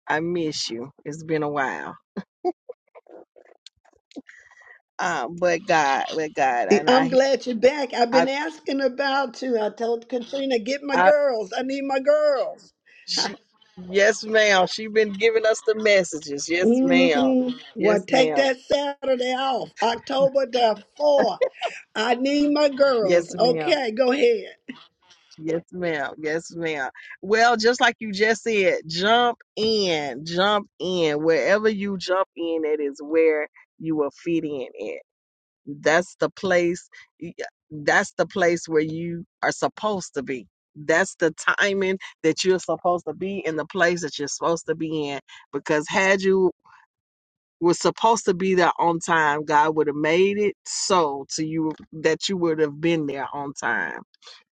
S6: I miss you. It's been a while. Um, but God, but God, and
S1: I'm
S6: I,
S1: glad you're back. I've been
S6: I,
S1: asking about you. I told Katrina, get my
S6: I,
S1: girls. I need my girls.
S6: she, yes, ma'am. She been giving us the messages. Yes, ma'am.
S1: Mm-hmm. Well,
S6: Yes,
S1: take
S6: ma'am.
S1: that Saturday off, October the 4th. I need my
S6: Yes,
S1: girls.
S6: ma'am.
S1: Okay, go ahead.
S6: Yes, ma'am. Yes, ma'am. Well, just like you just said, jump in, jump in. Wherever you jump in, it is where you will fit in at. That's the place, y- that's the place where you are supposed to be. That's the timing that you're supposed to be in the place that you're supposed to be in. Because had you were supposed to be there on time, God would have made it so to you that you would have been there on time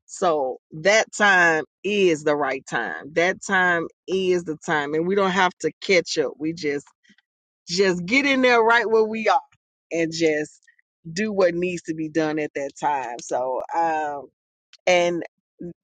S6: so that time is the right time. That time is the time. And we don't have to catch up. We just just get in there right where we are and just do what needs to be done at that time. So um and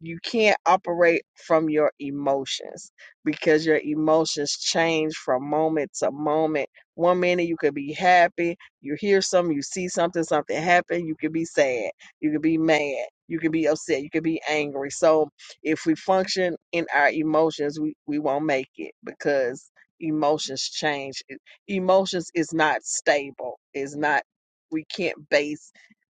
S6: you can't operate from your emotions because your emotions change from moment to moment. One minute you could be happy, you hear something, you see something, something happen, you could be sad, you could be mad, you could be upset, you could be angry. So if we function in our emotions, we, we won't make it because emotions change. Emotions is not stable, is not we can't base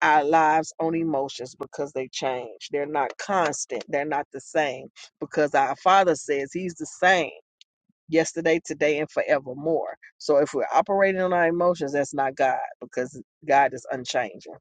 S6: our lives on emotions because they change. They're not constant. They're not the same because our Father says He's the same yesterday, today, and forevermore. So if we're operating on our emotions, that's not God because God is unchanging.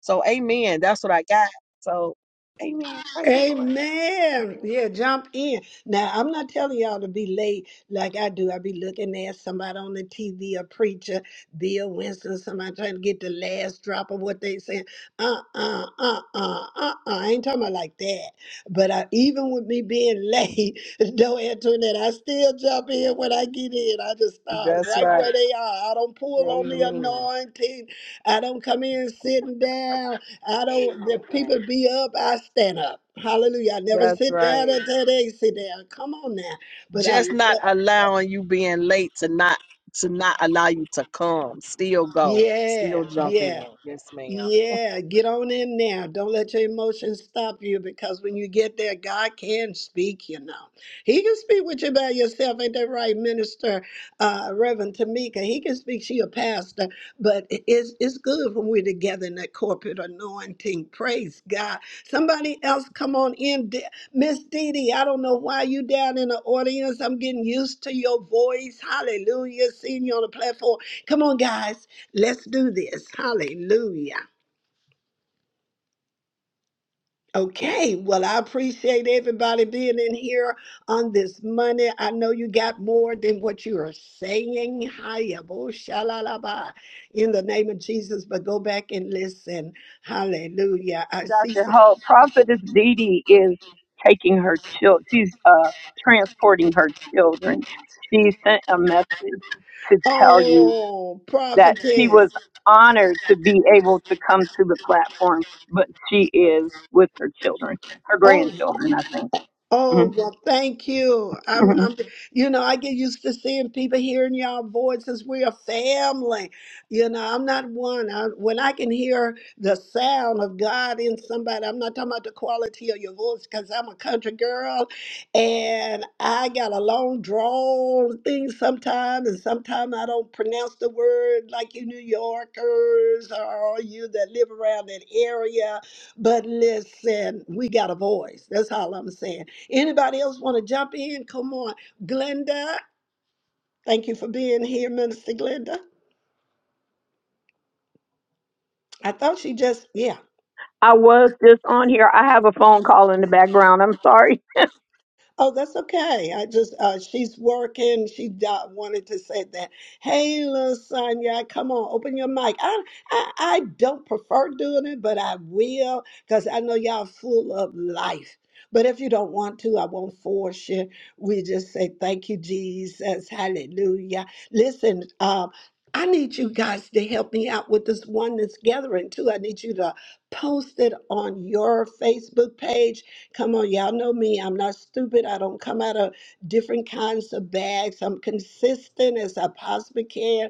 S6: So, amen. That's what I got. So, amen. Praise the Lord.
S1: Amen.
S6: *laughs*
S1: Yeah, jump in. Now, I'm not telling y'all to be late like I do. I be looking at somebody on the TV, a preacher, Bill Winston, somebody trying to get the last drop of what they saying. Uh-uh, uh-uh, uh-uh. I ain't talking about like that. But I, even with me being late, *laughs* no Antoinette, I still jump in when I get in. I just stop
S6: That's
S1: right where
S6: right.
S1: they are. I don't pull on the
S6: Amen.
S1: anointing. I don't come in sitting down. I don't, If
S6: Amen.
S1: people be up, I stand up. Hallelujah. I never
S6: That's
S1: sit down
S6: right.
S1: until they sit down. Come on now. But I
S6: just not
S1: love,
S6: allowing you being late to not to not allow you to come. Still go. Still
S1: yeah,
S6: jump
S1: yeah.
S6: in. Yes, ma'am.
S1: Yeah, get on in there. Don't let your emotions stop you because when you get there, God can speak, you know. He can speak with you by yourself. Ain't that right, Minister uh, Reverend Tamika? He can speak. She a pastor, but it- it's, it's good when we're together in that corporate anointing. Praise God. Somebody else come on in. D- Miss Dee Dee, I don't know why you down in the audience. I'm getting used to your voice. Hallelujah. Seeing you on the platform. Come on, guys. Let's do this. Hallelujah. Okay, well, I appreciate everybody being in here on this Monday. I know you got more than what you are saying. Hiya, bo shalalaba, In the name of Jesus, but go back and listen. Hallelujah. I see.
S5: Dr.
S1: Some,
S5: Hope, Prophetess Dee Dee is taking her children, she's uh, transporting her children. She sent a message to tell you
S1: oh,
S5: that she
S1: prophetess.
S5: was honored to be able to come to the platform, but she is with her children, her
S1: Oh.
S5: grandchildren, I think.
S1: Oh,
S5: Mhm.
S1: well, thank you. I'm,
S5: *laughs*
S1: I'm, you know, I get used to seeing people hearing y'all voices. We're a family. You know, I'm not one. I, when I can hear the sound of God in somebody, I'm not talking about the quality of your voice because I'm a country girl and I got a long drawn thing sometimes, and sometimes I don't pronounce the word like you New Yorkers or you that live around that area. But listen, we got a voice. That's all I'm saying. Anybody else want to jump in? Come on. Glenda, thank you for being here, Minister Glenda. I thought she just, yeah.
S5: I was just on here. I have a phone call in the background. I'm sorry.
S1: Oh, that's okay. I just uh, she's working. She uh, wanted to say that. Hey, little Sonya, come on, open your mic. I I, I don't prefer doing it, but I will because I know y'all full of life. But if you don't want to, I won't force you. We just say thank you, Jesus, Hallelujah. Listen, um, I need you guys to help me out with this oneness gathering too. I need you to post it on your Facebook page Come on, y'all know me. I'm not stupid. I don't come out of different kinds of bags. I'm consistent as I possibly can.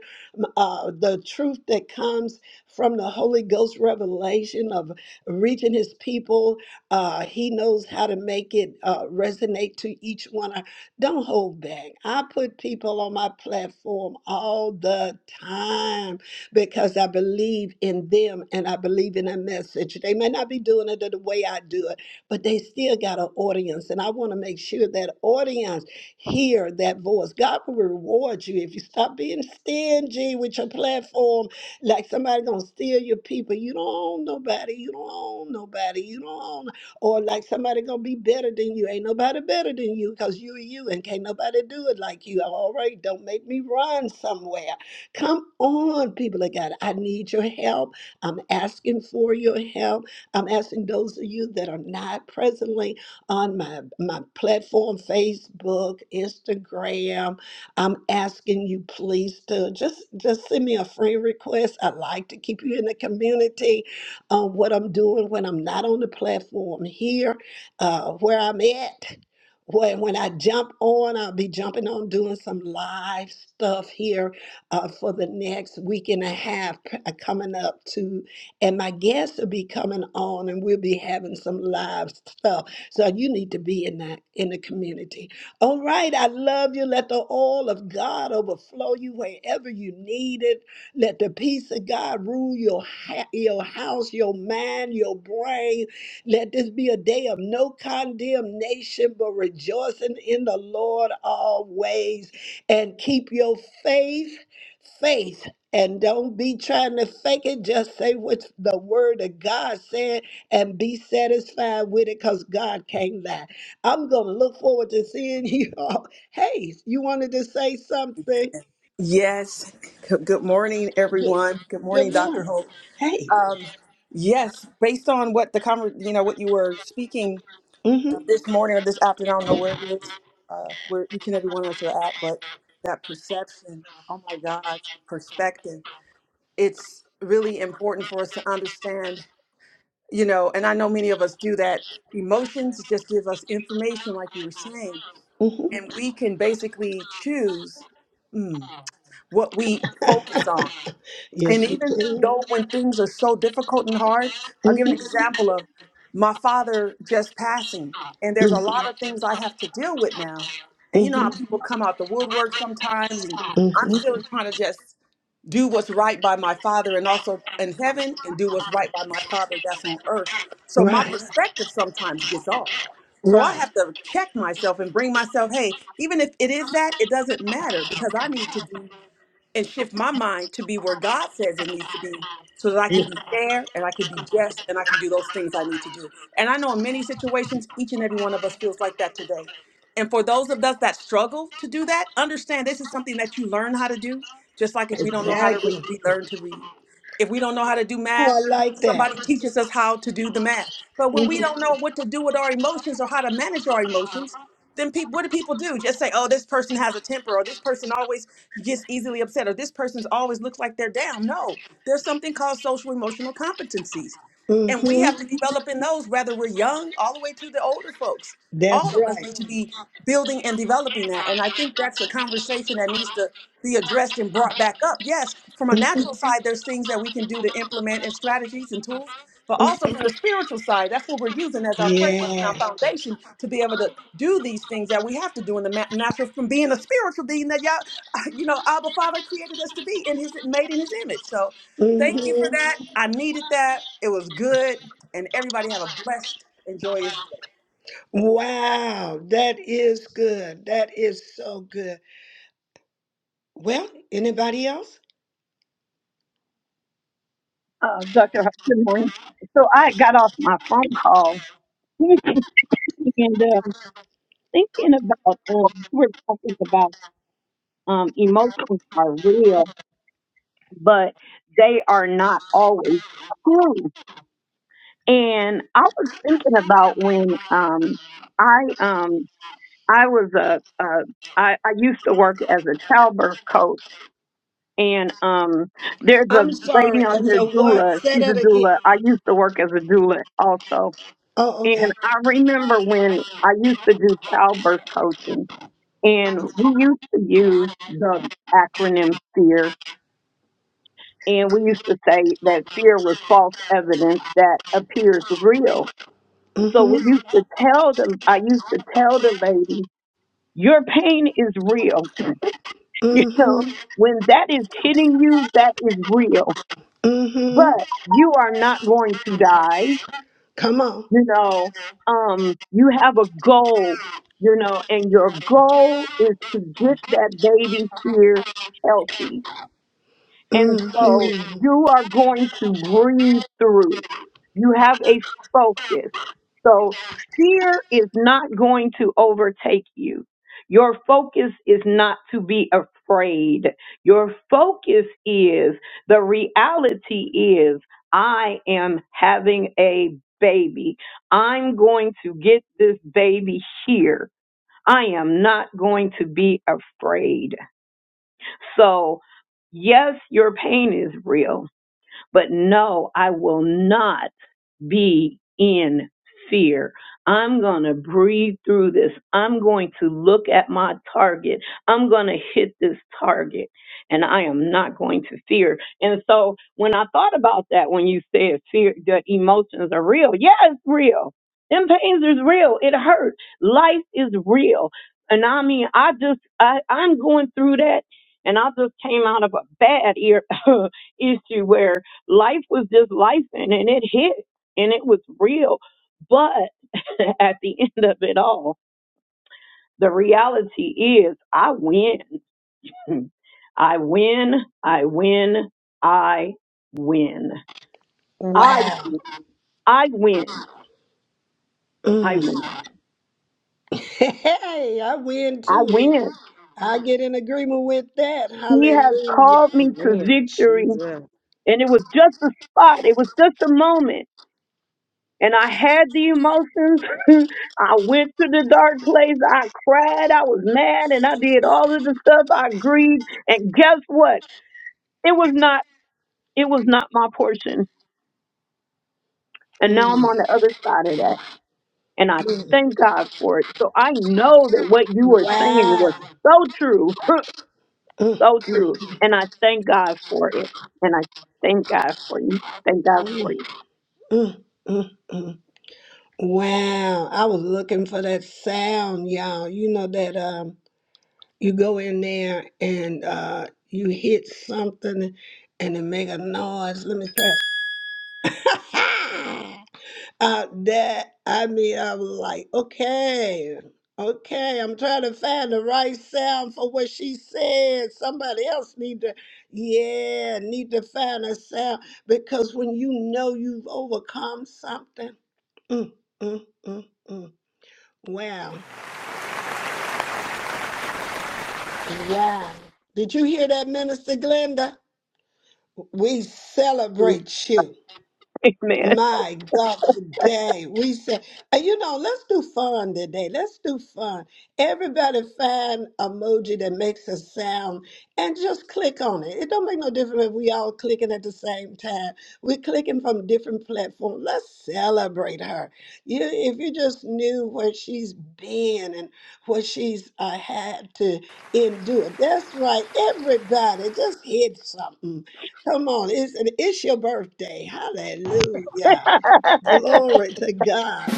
S1: Uh, the truth that comes from the Holy Ghost revelation of reaching His people, uh, He knows how to make it uh, resonate to each one. I- Don't hold back. I put people on my platform all the time because I believe in them and I believe in a message. They may not be doing it the way I do it but they still got an audience. And I want to make sure that audience hear that voice. God will reward you if you stop being stingy with your platform, like somebody gonna steal your people. You don't own nobody, you don't own nobody, you don't own no, or like somebody gonna be better than you. Ain't nobody better than you because you are you and can't nobody do it like you. All right, don't make me run somewhere. Come on, people of God. I need your help. I'm asking for your help. I'm asking those of you that are not presently on my, my platform, Facebook, Instagram, I'm asking you please to just, just send me a friend request. I like to keep you in the community on what I'm doing when I'm not on the platform here, uh, where I'm at. When, when I jump on, I'll be jumping on doing some live stuff here uh, for the next week and a half uh, coming up to and my guests will be coming on and we'll be having some live stuff so you need to be in that in the community all right i love you let the oil of god overflow you wherever you need it let the peace of god rule your ha- your house your mind your brain let this be a day of no condemnation but rejoicing in the lord always and keep your faith faith and don't be trying to fake it. Just say what the word of God said and be satisfied with it because God can't lie. I'm going to look forward to seeing *laughs* you all. Hey, you wanted to say something?
S3: Yes. G- Good morning,
S1: Good,
S3: everyone. Good
S1: good
S3: morning, Dr.
S1: morning.
S3: Hope.
S1: Hey.
S3: Um, yes, based on what the conver- you know, what you were speaking
S1: hmm
S3: this morning or this afternoon, I don't know where it is, uh, where each and every one of us are at, but that perception, oh my God, perspective, it's really important for us to understand, you know, and I know many of us do that. Emotions just give us information, like you were saying,
S1: hmm
S3: and we can basically choose mm, what we focus
S1: *laughs*
S3: on
S1: Yes,
S3: And
S1: we
S3: even
S1: can.
S3: though when things are so difficult and hard, I'll give an example of my father just passing. And
S1: hmm
S3: there's a lot of things I have to deal with now. And you know
S1: hmm
S3: how people come out the woodwork sometimes, and I'm
S1: hmm
S3: still trying to just do what's right by my father and also in heaven and do what's right by my father that's on earth. So my
S1: Right.
S3: perspective sometimes gets off. So I
S1: Right.
S3: have to check myself and bring myself, hey, even if it is that, it doesn't matter because I need to do and shift my mind to be where God says it needs to be so that I can
S1: Yeah,
S3: be fair and I can be just and I can do those things I need to do. And I know in many situations, each and every one of us feels like that today. And for those of us that struggle to do that, understand this is something that you learn how to do. Just like if we don't know how to read,
S1: Exactly.
S3: we learn to read. If we don't know how to do
S1: Oh,
S3: math,
S1: I like that.
S3: somebody teaches us how to do the math. But when we
S1: hmm
S3: don't know what to do with our emotions or how to manage our emotions, then people, what do people do? Just say, "Oh, this person has a temper," or "This person always gets easily upset," or "This person's always looks like they're down." No, there's something called social emotional competencies, and we
S1: hmm
S3: have to Mhm. develop in those, whether we're young all the way to the older folks
S1: That's
S3: all of us need
S1: right.
S3: to be building and developing that. And I think that's a conversation that needs to be addressed and brought back up. Yes, from a natural side, there's things that we can do to implement and strategies and tools, but
S1: hmm
S3: also from the spiritual side, that's what we're using as our framework and
S1: Yeah.
S3: our foundation to be able to do these things that we have to do in the ma- natural from being a spiritual being that y'all, *laughs* you know, Abba Father created us to be and his made in his image. So thank you for
S1: hmm
S3: that. I needed that. It was good. And everybody have a blessed, and joyous
S1: Wow, that is good. That is so good. Well, anybody else?
S5: Uh, Dr. Hope, good morning. So I got off my phone call *laughs* and uh, thinking about um, we're talking about um, emotions are real, but they are not always true. And I was thinking about when um, I um, I was a, a I, I used to work as a childbirth coach. And um, there's a
S1: I'm
S5: lady
S1: sorry.
S5: on
S1: And
S5: here,
S1: so what?
S5: doula.
S1: Say
S5: She's
S1: that
S5: a
S1: again.
S5: doula. I used to work as a doula also.
S1: Oh,
S5: And
S1: okay.
S5: I remember when I used to do childbirth coaching And we used to use the acronym FEAR, and we used to say that fear was false evidence that appears real. So we
S1: Mm-hmm.
S5: used to tell the, I used to tell the lady, your pain is real. *laughs* you know,
S1: Mm-hmm.
S5: when that is hitting you, that is real, but
S1: Mm-hmm.
S5: you are not going to die.
S1: Come on.
S5: You know, um, you have a goal, you know, and your goal is to get that baby here healthy And so
S1: Mm-hmm.
S5: you are going to breathe through. You have a focus. So fear is not going to overtake you. Your focus is not to be afraid. Your focus is the reality is I am having a baby. I'm going to get this baby here. I am not going to be afraid. So, yes, your pain is real but no, I will not be in fear. I'm going to breathe through this. I'm going to look at my target. I'm going to hit this target and I am not going to fear. And so when I thought about that, when you said fear, that emotions are real. Yeah, it's real. Them pains is real. It hurt. Life is real. And I mean, I just, I, I'm going through that. And I just came out of a bad ear *laughs* issue where life was just life and it hit and it was real. But *laughs* at the end of it all, the reality is I win. *laughs* I win. I win. I win. I
S1: Wow.
S5: I win. I
S1: Mm. *laughs*
S5: win.
S1: Hey, I win
S5: I
S1: to it.
S5: win.
S1: I get in agreement with that.
S5: He has
S1: Hallelujah.
S5: called me to
S6: Amen.
S5: victory.
S6: Jesus.
S5: And it was just a spot. It was just a moment. And I had the emotions. *laughs* I went to the dark place. I cried. I was mad and I did all of the stuff. I grieved. And guess what? it was not it was not my portion and now i'm
S1: Mm,
S5: on the other side of that and i
S1: mm.
S5: thank god for it so i know that what you were saying was
S1: Wow.
S5: so true *laughs*
S1: Mm,
S5: so true and i thank god for it and i thank god for you thank god for
S1: mm,
S5: you
S1: mm, mm, mm. Wow, I was looking for that sound, y'all. You know that um you go in there and uh you hit something and it make a noise. Let me try. Uh that I mean I was like, okay, okay, I'm trying to find the right sound for what she said. Somebody else need to yeah, need to find a sound because when you know you've overcome something, mm, mm, mm, mm. Wow. Wow. Did you hear that, Minister Glenda? We
S5: *laughs*
S1: celebrate you.
S5: amen
S1: My God, today we say, and you know, let's do fun today. Let's do fun. Everybody find emoji that makes a sound and just click on it. It don't make no difference if we all clicking at the same time. We're clicking from different platforms. Let's celebrate her. You, if you just knew where she's been and what she's uh, had to endure. That's right. Everybody just hit something. Come on, it's, it's your birthday. Hallelujah. Glory to God.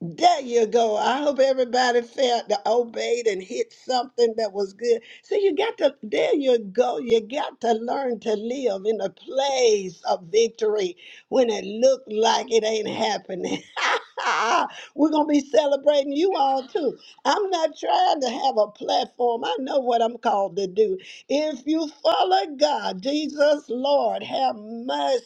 S1: There you go. I hope everybody felt the obeyed and hit something that was good. So you got to, there you go. You got to learn to live in a place of victory when it looked like it ain't happening. *laughs* We're going to be celebrating you all too. I'm not trying to have a platform. I know what I'm called to do. If you follow God, Jesus, Lord, have mercy.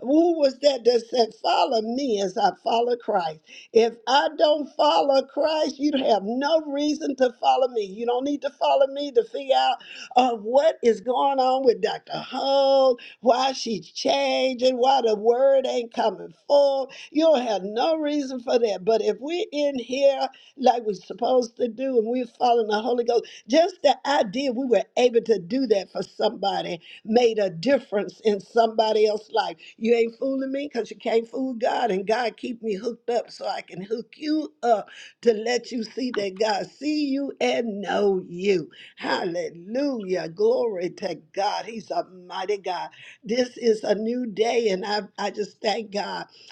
S1: Who was that that said, Follow me as I follow Christ? If I don't follow Christ, you have no reason to follow me. You don't need to follow me to figure out uh, what is going on with Dr. Hull, why she's changing, why the word ain't coming forth you don't have no reason for that. But if we're in here like we're supposed to do and we're following the Holy Ghost, just the idea we were able to do that for somebody made a difference in somebody else's life. You ain't fooling me because you can't fool God, and God keep me hooked up so I can hook you up to let you see that God see you and know you. Hallelujah. Glory to God. He's a mighty God. This is a new day, and I, I just thank God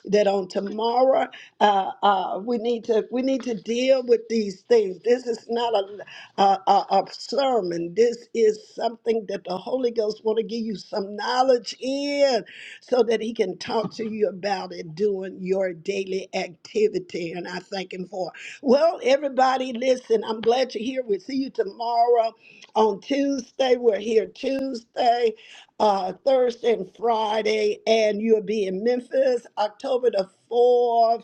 S1: that on tomorrow uh, uh, we need to we need to deal with these things. This is not a a, a, a sermon. This is something that the Holy Ghost want to give you some knowledge in, so that He can talk to you about it during your daily activity. And I thank Him for. it. Well, everybody, listen. I'm glad you're here. We'll see you tomorrow on Tuesday. We're here Tuesday uh, Thursday and Friday, and you'll be in Memphis October the 4th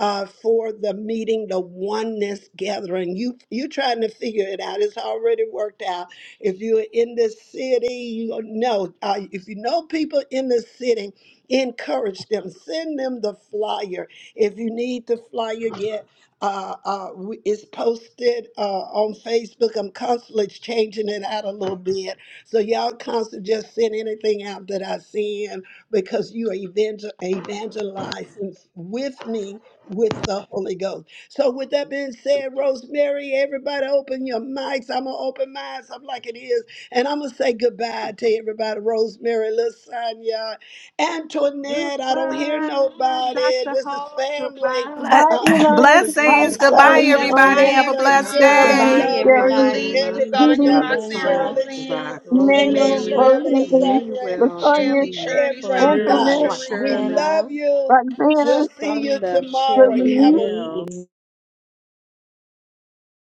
S1: uh, for the meeting, the oneness gathering. You, you trying to figure it out. It's already worked out. If you're in the city, you know, uh, if you know people in the city, encourage them, send them the flyer. If you need the flyer, get uh, uh, w- it's posted uh, on Facebook. I'm constantly changing it out a little bit so y'all constantly just send anything out that I send because you are evangel- evangelizing with me with the Holy Ghost. So with that being said, Rosemary, everybody open your mics. I'm gonna open mine up like it is. And I'm gonna say goodbye to everybody. Rosemary, Lasagna, Antoinette, I don't hear
S6: Goodbye,
S1: nobody.
S6: Dr.
S1: This is
S6: Hall.
S1: family.
S6: Goodbye,
S8: Ble-
S5: bye
S8: *clears throat*
S5: Elon.
S6: Mr.
S5: hi
S8: Blessings.
S6: Glenda.
S1: Uh,
S6: Goodbye,
S8: Goodbye,
S5: shelly
S8: everybody.
S6: Cherie.
S5: sandra
S8: Have
S4: Goodbye,
S8: a
S1: Roxana,
S6: Goodbye,
S8: blessed
S1: Jerry,
S6: Felice.
S1: I
S5: Shirley,
S8: day.
S4: everyone.
S9: Goodbye,
S6: Goodbye,
S1: love
S5: jerry
S1: you.
S4: Felice,
S6: Roxana.
S9: everybody.
S1: Everybody
S9: Minister
S5: judy
S4: Lasagna,
S6: Goodbye,
S1: down there,
S4: Roxanne,
S9: Glenda,
S6: Lasagna.
S1: Shirley, Shirley,
S6: Goodbye,
S4: Roseanne,
S1: Shirley,
S5: emmanuel
S6: Rosemary,
S9: Tree,
S4: Emmanuel,
S1: Shirley,
S4: D,
S5: rosemary
S1: Sandra,
S6: Emmanuel, Dee
S5: latonya
S4: Shelley,
S6: Dee,
S4: Shirley, Sonda,
S6: Jerry,
S9: Police,
S5: antoinette
S1: everybody.
S4: Cherie.
S1: We
S6: Shirley,
S1: love
S9: Roxana,
S1: you.
S5: roxana
S1: We'll see you
S6: Thunder,
S1: tomorrow.
S6: Shirley
S9: Dee
S1: Have a
S6: L.
S9: Dee,